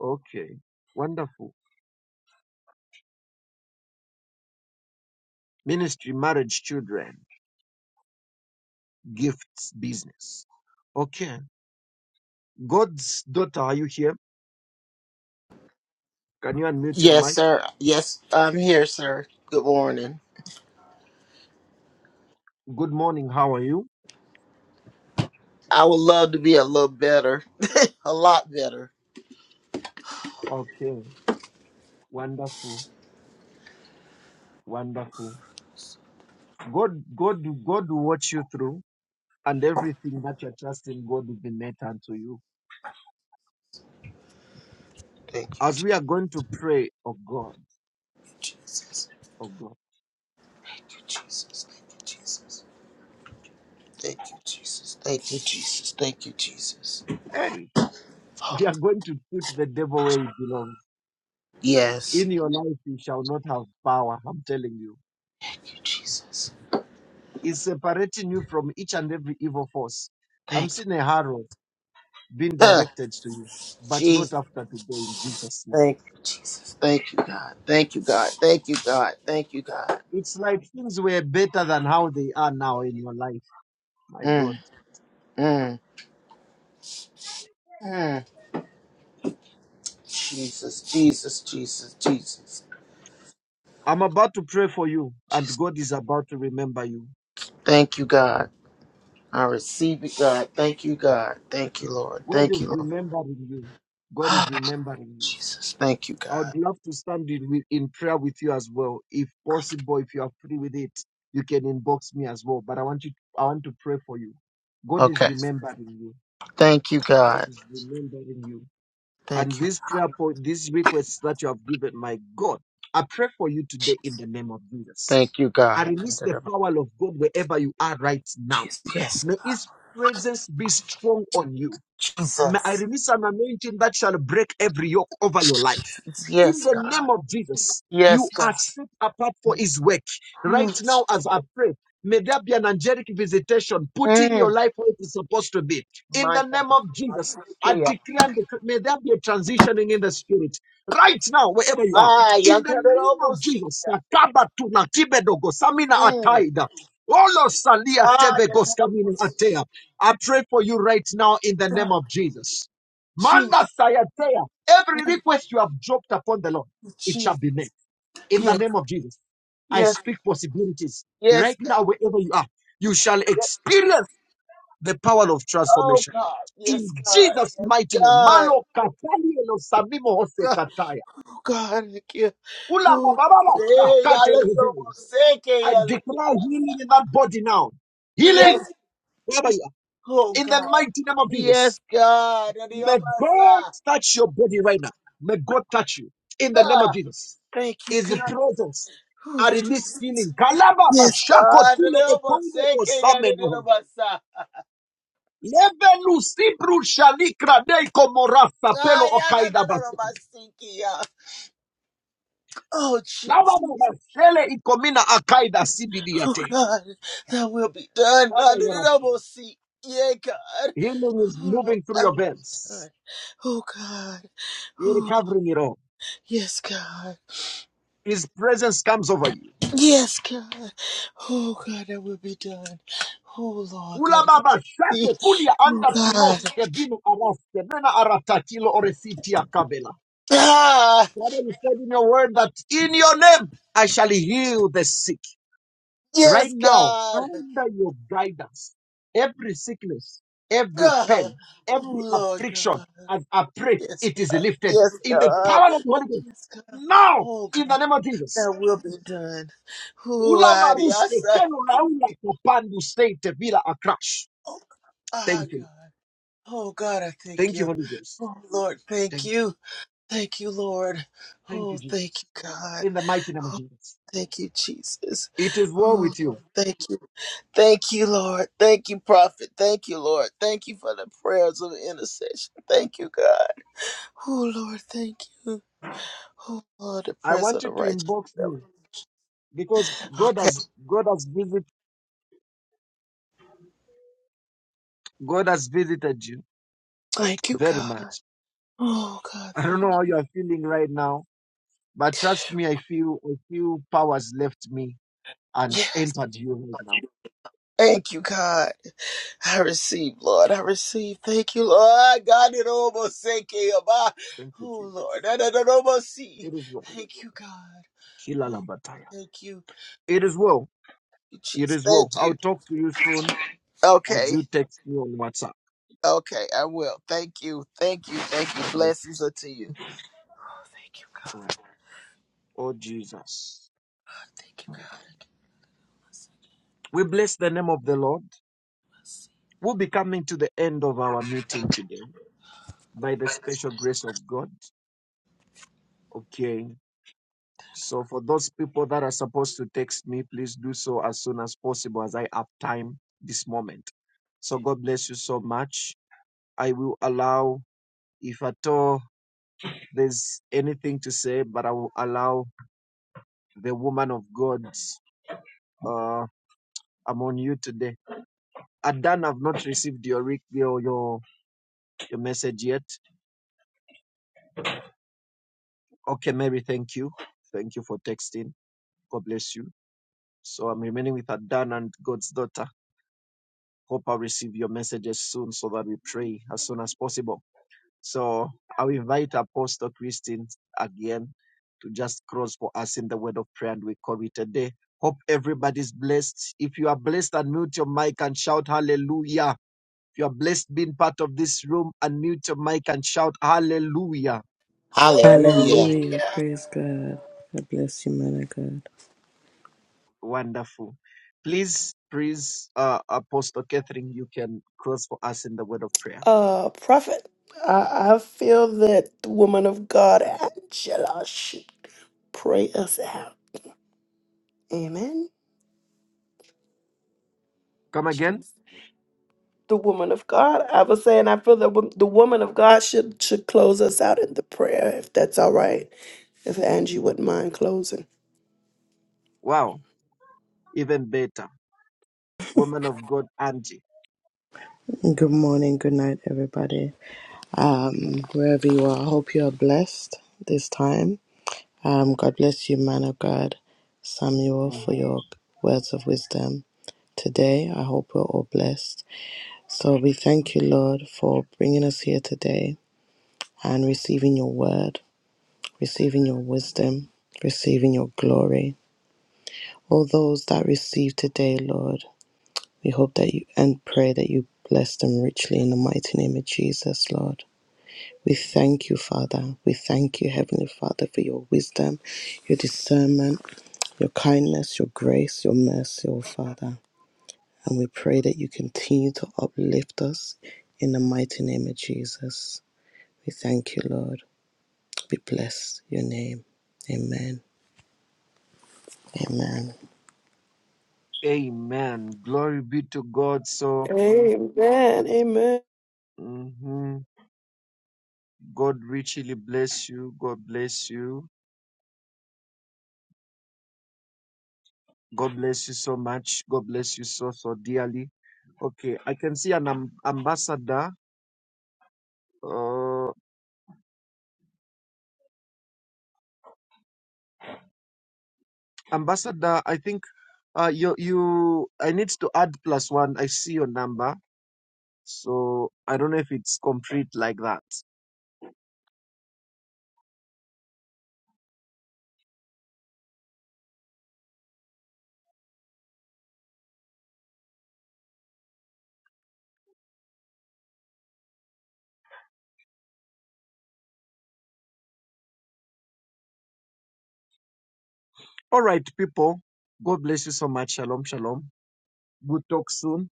[SPEAKER 1] Okay. Wonderful. Ministry, marriage, children, gifts, business. Okay. God's daughter, are you here? Can you unmute your
[SPEAKER 11] Yes,
[SPEAKER 1] mic?
[SPEAKER 11] sir. Yes, I'm here, sir. Good morning.
[SPEAKER 1] Good morning. How are you?
[SPEAKER 11] I would love to be a little better, a lot better.
[SPEAKER 1] Okay. Wonderful, wonderful. God, God, God will watch you through, and everything that you're trusting God will be met unto you. As we are going to pray, oh God, oh God,
[SPEAKER 11] Thank you, Jesus. Thank you, Jesus. Thank you, Jesus. Thank you, Jesus. Thank you, Jesus.
[SPEAKER 1] hey, we are going to put the devil where he belongs.
[SPEAKER 11] Yes.
[SPEAKER 1] In your life, he shall not have power. I'm telling you,
[SPEAKER 11] Thank you, Jesus.
[SPEAKER 1] he's separating you from each and every evil force. I'm
[SPEAKER 11] Thank you.
[SPEAKER 1] seeing a arrow being
[SPEAKER 11] Huh.
[SPEAKER 1] directed to you, but not
[SPEAKER 11] Jesus.
[SPEAKER 1] after today, in Jesus' name.
[SPEAKER 11] Thank you, Jesus. Thank you, God. Thank you, God. Thank you, God. Thank you, God.
[SPEAKER 1] It's like things were better than how they are now in your life. My God.
[SPEAKER 11] Mm, mm, mm. Jesus, Jesus, Jesus, Jesus.
[SPEAKER 1] I'm about to pray for you, and God is about to remember you.
[SPEAKER 11] Thank you, God. I receive it, God. Thank you, God. Thank you, Lord.
[SPEAKER 1] God
[SPEAKER 11] Thank
[SPEAKER 1] is
[SPEAKER 11] you, Lord.
[SPEAKER 1] remembering you. God is remembering you.
[SPEAKER 11] Jesus. Thank you,
[SPEAKER 1] I
[SPEAKER 11] God.
[SPEAKER 1] would love to stand in, with- in prayer with you as well. If possible, if you are free with it, you can inbox me as well. But I want you, I want to pray for you. God is
[SPEAKER 11] Okay.
[SPEAKER 1] remembering you.
[SPEAKER 11] Thank you,
[SPEAKER 1] God
[SPEAKER 11] God.
[SPEAKER 1] is remembering you. And
[SPEAKER 11] Thank you.
[SPEAKER 1] this prayer point, these requests that you have given, my God, I pray for you today in the name of Jesus.
[SPEAKER 11] Thank you,
[SPEAKER 1] I
[SPEAKER 11] God.
[SPEAKER 1] release the power of God wherever you are right now
[SPEAKER 11] Jesus. Yes.
[SPEAKER 1] May His presence be strong on you. May I
[SPEAKER 11] Jesus.
[SPEAKER 1] release an anointing that shall break every yoke over your life. In
[SPEAKER 11] Yes,
[SPEAKER 1] the
[SPEAKER 11] God.
[SPEAKER 1] name of Jesus,
[SPEAKER 11] Yes,
[SPEAKER 1] you are
[SPEAKER 11] God.
[SPEAKER 1] set apart for his work.
[SPEAKER 11] Ooh.
[SPEAKER 1] Right now, as I pray, may there be an angelic visitation, putting your
[SPEAKER 11] Mm.
[SPEAKER 1] life where it is supposed to be. In
[SPEAKER 11] My
[SPEAKER 1] the
[SPEAKER 11] God.
[SPEAKER 1] name of Jesus, I
[SPEAKER 11] Asikia.
[SPEAKER 1] declare and declare, may there be a transitioning in the spirit. Right now, wherever you are.
[SPEAKER 11] Ah,
[SPEAKER 1] In the name of Jesus,
[SPEAKER 11] yantarobosikia.
[SPEAKER 1] Sakaba tuna tibedogo, samina
[SPEAKER 11] Mm.
[SPEAKER 1] ataida. Olo salia
[SPEAKER 11] Ah,
[SPEAKER 1] tebegos kamina
[SPEAKER 11] yantarobosikia.
[SPEAKER 1] atea. I pray for you right now in the name of Jesus.
[SPEAKER 11] Jesus,
[SPEAKER 1] Manda sayatea. Every request you have dropped upon the Lord, it shall
[SPEAKER 11] Jesus.
[SPEAKER 1] be made. In the
[SPEAKER 11] Yes,
[SPEAKER 1] name of Jesus, I
[SPEAKER 11] yes,
[SPEAKER 1] speak possibilities right
[SPEAKER 11] yes, God.
[SPEAKER 1] now, wherever you are. You shall experience the power of
[SPEAKER 11] Oh
[SPEAKER 1] transformation.
[SPEAKER 11] God, yes
[SPEAKER 1] In
[SPEAKER 11] God,
[SPEAKER 1] Jesus' mighty
[SPEAKER 11] yes
[SPEAKER 1] name.
[SPEAKER 11] God,
[SPEAKER 1] Malo katali elo samimo hose
[SPEAKER 11] God,
[SPEAKER 1] kataya.
[SPEAKER 11] oh, God, thank you.
[SPEAKER 1] Ula
[SPEAKER 11] Oh, hey,
[SPEAKER 1] mababa
[SPEAKER 11] I
[SPEAKER 1] shakate
[SPEAKER 11] let you
[SPEAKER 1] lehe.
[SPEAKER 11] forsake you,
[SPEAKER 1] I
[SPEAKER 11] I let
[SPEAKER 1] declare healing
[SPEAKER 11] you
[SPEAKER 1] in that body now. Healing
[SPEAKER 11] Yes,
[SPEAKER 1] wherever you
[SPEAKER 11] oh
[SPEAKER 1] are. In the
[SPEAKER 11] God,
[SPEAKER 1] mighty name of Jesus.
[SPEAKER 11] yes God, and the
[SPEAKER 1] May
[SPEAKER 11] other
[SPEAKER 1] God
[SPEAKER 11] side.
[SPEAKER 1] touch your body right now. May God touch you in the name of
[SPEAKER 11] Ah,
[SPEAKER 1] Jesus.
[SPEAKER 11] Thank you,
[SPEAKER 1] Is the
[SPEAKER 11] God.
[SPEAKER 1] presence
[SPEAKER 11] Oh
[SPEAKER 1] I release healing.
[SPEAKER 11] Jesus,
[SPEAKER 1] Kalaba
[SPEAKER 11] yes
[SPEAKER 1] bashako
[SPEAKER 11] God, and the other
[SPEAKER 1] ekondo
[SPEAKER 11] side, I let you
[SPEAKER 1] osameno.
[SPEAKER 11] forsake.
[SPEAKER 1] Levelu sibru shalikra deiko morasa
[SPEAKER 11] Ah,
[SPEAKER 1] pelo
[SPEAKER 11] yeah, no, no,
[SPEAKER 1] okaida
[SPEAKER 11] no, no,
[SPEAKER 1] basa.
[SPEAKER 11] forsake you. Oh
[SPEAKER 1] Lava
[SPEAKER 11] Jesus,
[SPEAKER 1] babashele ikomina akaida
[SPEAKER 11] oh
[SPEAKER 1] sibidiate.
[SPEAKER 11] God, that will be done. I
[SPEAKER 1] Father,
[SPEAKER 11] let
[SPEAKER 1] Lord, I
[SPEAKER 11] you
[SPEAKER 1] pray.
[SPEAKER 11] forsake. Yeah, God.
[SPEAKER 1] Healing is
[SPEAKER 11] Oh Lord,
[SPEAKER 1] moving through
[SPEAKER 11] I
[SPEAKER 1] your
[SPEAKER 11] will
[SPEAKER 1] veins.
[SPEAKER 11] return. Oh God.
[SPEAKER 1] You're
[SPEAKER 11] Oh
[SPEAKER 1] recovering it all.
[SPEAKER 11] yes, God.
[SPEAKER 1] His presence comes over you.
[SPEAKER 11] Yes, God. Oh God, that will be done. Oh Lord,
[SPEAKER 1] Ula
[SPEAKER 11] God.
[SPEAKER 1] baba shato kulia
[SPEAKER 11] Oh
[SPEAKER 1] anda pilos
[SPEAKER 11] God.
[SPEAKER 1] kebinu araske nena aratatilo oresiti akabela.
[SPEAKER 11] Ah,
[SPEAKER 1] Father, you said in your word that in your name I shall heal the sick. Right
[SPEAKER 11] yes,
[SPEAKER 1] now,
[SPEAKER 11] God.
[SPEAKER 1] under your guidance, every sickness, every
[SPEAKER 11] Ah,
[SPEAKER 1] pain,
[SPEAKER 11] oh
[SPEAKER 1] every
[SPEAKER 11] Lord,
[SPEAKER 1] affliction,
[SPEAKER 11] God.
[SPEAKER 1] as I pray,
[SPEAKER 11] Yes,
[SPEAKER 1] it is
[SPEAKER 11] God.
[SPEAKER 1] lifted
[SPEAKER 11] Yes,
[SPEAKER 1] in the
[SPEAKER 11] God.
[SPEAKER 1] power of the Holy Ghost.
[SPEAKER 11] Yes, God.
[SPEAKER 1] Now,
[SPEAKER 11] Oh
[SPEAKER 1] in
[SPEAKER 11] God,
[SPEAKER 1] the name of Jesus.
[SPEAKER 11] that will be done. Oh,
[SPEAKER 1] Ula
[SPEAKER 11] adios.
[SPEAKER 1] maruske kenu laula kapandu steite bila akrash.
[SPEAKER 11] Oh, ah,
[SPEAKER 1] Thank you.
[SPEAKER 11] God. Oh God, I thank
[SPEAKER 1] Thank you,
[SPEAKER 11] you.
[SPEAKER 1] Holy Ghost.
[SPEAKER 11] Oh Lord,
[SPEAKER 1] Thank
[SPEAKER 11] thank
[SPEAKER 1] you.
[SPEAKER 11] you. Thank you, Lord.
[SPEAKER 1] Thank you,
[SPEAKER 11] Oh, thank
[SPEAKER 1] Jesus.
[SPEAKER 11] you, God.
[SPEAKER 1] In the mighty name of
[SPEAKER 11] Oh,
[SPEAKER 1] Jesus.
[SPEAKER 11] thank you, Jesus.
[SPEAKER 1] It is well
[SPEAKER 11] Oh,
[SPEAKER 1] with you.
[SPEAKER 11] Lord, thank you. Thank you, Lord. Thank you, Prophet. Thank you, Lord. Thank you for the prayers of intercession. Thank you, God. Oh, Lord, thank you. Oh, Lord, the
[SPEAKER 1] I
[SPEAKER 11] prayers
[SPEAKER 1] want
[SPEAKER 11] of
[SPEAKER 1] you
[SPEAKER 11] the
[SPEAKER 1] to
[SPEAKER 11] righteous.
[SPEAKER 1] inbox me
[SPEAKER 11] Okay.
[SPEAKER 1] because God has God has visited God has visited you
[SPEAKER 11] Thank you,
[SPEAKER 1] very
[SPEAKER 11] God.
[SPEAKER 1] much.
[SPEAKER 11] Oh, God,
[SPEAKER 1] I don't
[SPEAKER 11] thank
[SPEAKER 1] know how
[SPEAKER 11] you.
[SPEAKER 1] you are feeling right now, but trust me, I feel I feel powers left me and
[SPEAKER 11] Yes.
[SPEAKER 1] entered you right now.
[SPEAKER 11] Thank you, God. I receive, Lord. I receive. Thank you, Lord. God, it almost sank in my-
[SPEAKER 1] Thank
[SPEAKER 11] Oh,
[SPEAKER 1] you, Jesus.
[SPEAKER 11] Lord. I don't almost see.
[SPEAKER 1] It is well.
[SPEAKER 11] Thank you, God.
[SPEAKER 1] Kila la
[SPEAKER 11] Oh,
[SPEAKER 1] bataya.
[SPEAKER 11] thank you,
[SPEAKER 1] It is well. It
[SPEAKER 11] Jesus.
[SPEAKER 1] is well.
[SPEAKER 11] Thank
[SPEAKER 1] I'll
[SPEAKER 11] you.
[SPEAKER 1] talk to you soon as you
[SPEAKER 11] Okay.
[SPEAKER 1] text me on WhatsApp.
[SPEAKER 11] Okay. I will. Thank you. Thank you. Thank you.
[SPEAKER 1] God bless you.
[SPEAKER 11] Blessings unto you. Thank you, God.
[SPEAKER 1] All right. Oh Jesus.
[SPEAKER 11] Thank you,
[SPEAKER 1] We bless the name of the Lord. We'll be coming to the end of our meeting
[SPEAKER 11] God.
[SPEAKER 1] today by the special grace of God. Okay. So, for those people that are supposed to text me, please do so as soon as possible as I have time this moment. So, God bless you so much. I will allow, if at all there's anything to say, but I will allow the woman of God uh, among you today. Adan, I've not received your, re- your, your, your message yet. Okay, Mary, thank you. Thank you for texting. God bless you. So I'm remaining with Adan and God's daughter. Hope I'll receive your messages soon so that we pray as soon as possible. So I'll invite Apostle Christine again to just cross for us in the word of prayer and we call it a day. Hope everybody's blessed. If you are blessed, unmute your mic and shout hallelujah. If you are blessed being part of this room, unmute your mic and shout hallelujah.
[SPEAKER 11] Hallelujah.
[SPEAKER 2] Hallelujah.
[SPEAKER 5] Hallelujah. Praise God. God bless you, man of God.
[SPEAKER 1] Wonderful. Please, please, uh, Apostle Catherine, you can cross for us in the word of prayer.
[SPEAKER 2] Uh, prophet, I, I feel that the woman of God, Angela, should pray us out. Amen.
[SPEAKER 1] Come again?
[SPEAKER 2] the woman of God. I was saying I feel that wo- the woman of God should should close us out in the prayer, if that's all right. If Angie wouldn't mind closing.
[SPEAKER 1] Wow, even better. Woman of God, Angie.
[SPEAKER 5] Good morning. Good night, everybody. Um, wherever you are, I hope you are blessed this time. Um, God bless you, man of God, Samuel, for
[SPEAKER 1] Mhm.
[SPEAKER 5] your words of wisdom today. I hope we're all blessed. So we thank you, Lord, for bringing us here today and receiving your word, receiving your wisdom, receiving your glory. All those that receive today, Lord, we hope that you and pray that you bless them richly in the mighty name of Jesus, Lord. We thank you, Father. We thank you, Heavenly Father, for your wisdom, your discernment, your kindness, your grace, your mercy, O Father. And we pray that you continue to uplift us in the mighty name of Jesus. We thank you, Lord. We bless your name. Amen. Amen.
[SPEAKER 1] Amen. Glory be to God. So,
[SPEAKER 2] Amen. Amen.
[SPEAKER 1] hmm God richly bless you. God bless you. God bless you so much. God bless you so, so dearly. Okay, I can see an am- ambassador. Uh, ambassador, I think uh, you, you, I need to add plus one. I see your number. So, I don't know if it's complete like that. All right, people. God bless you so much. Shalom, shalom. We'll talk soon.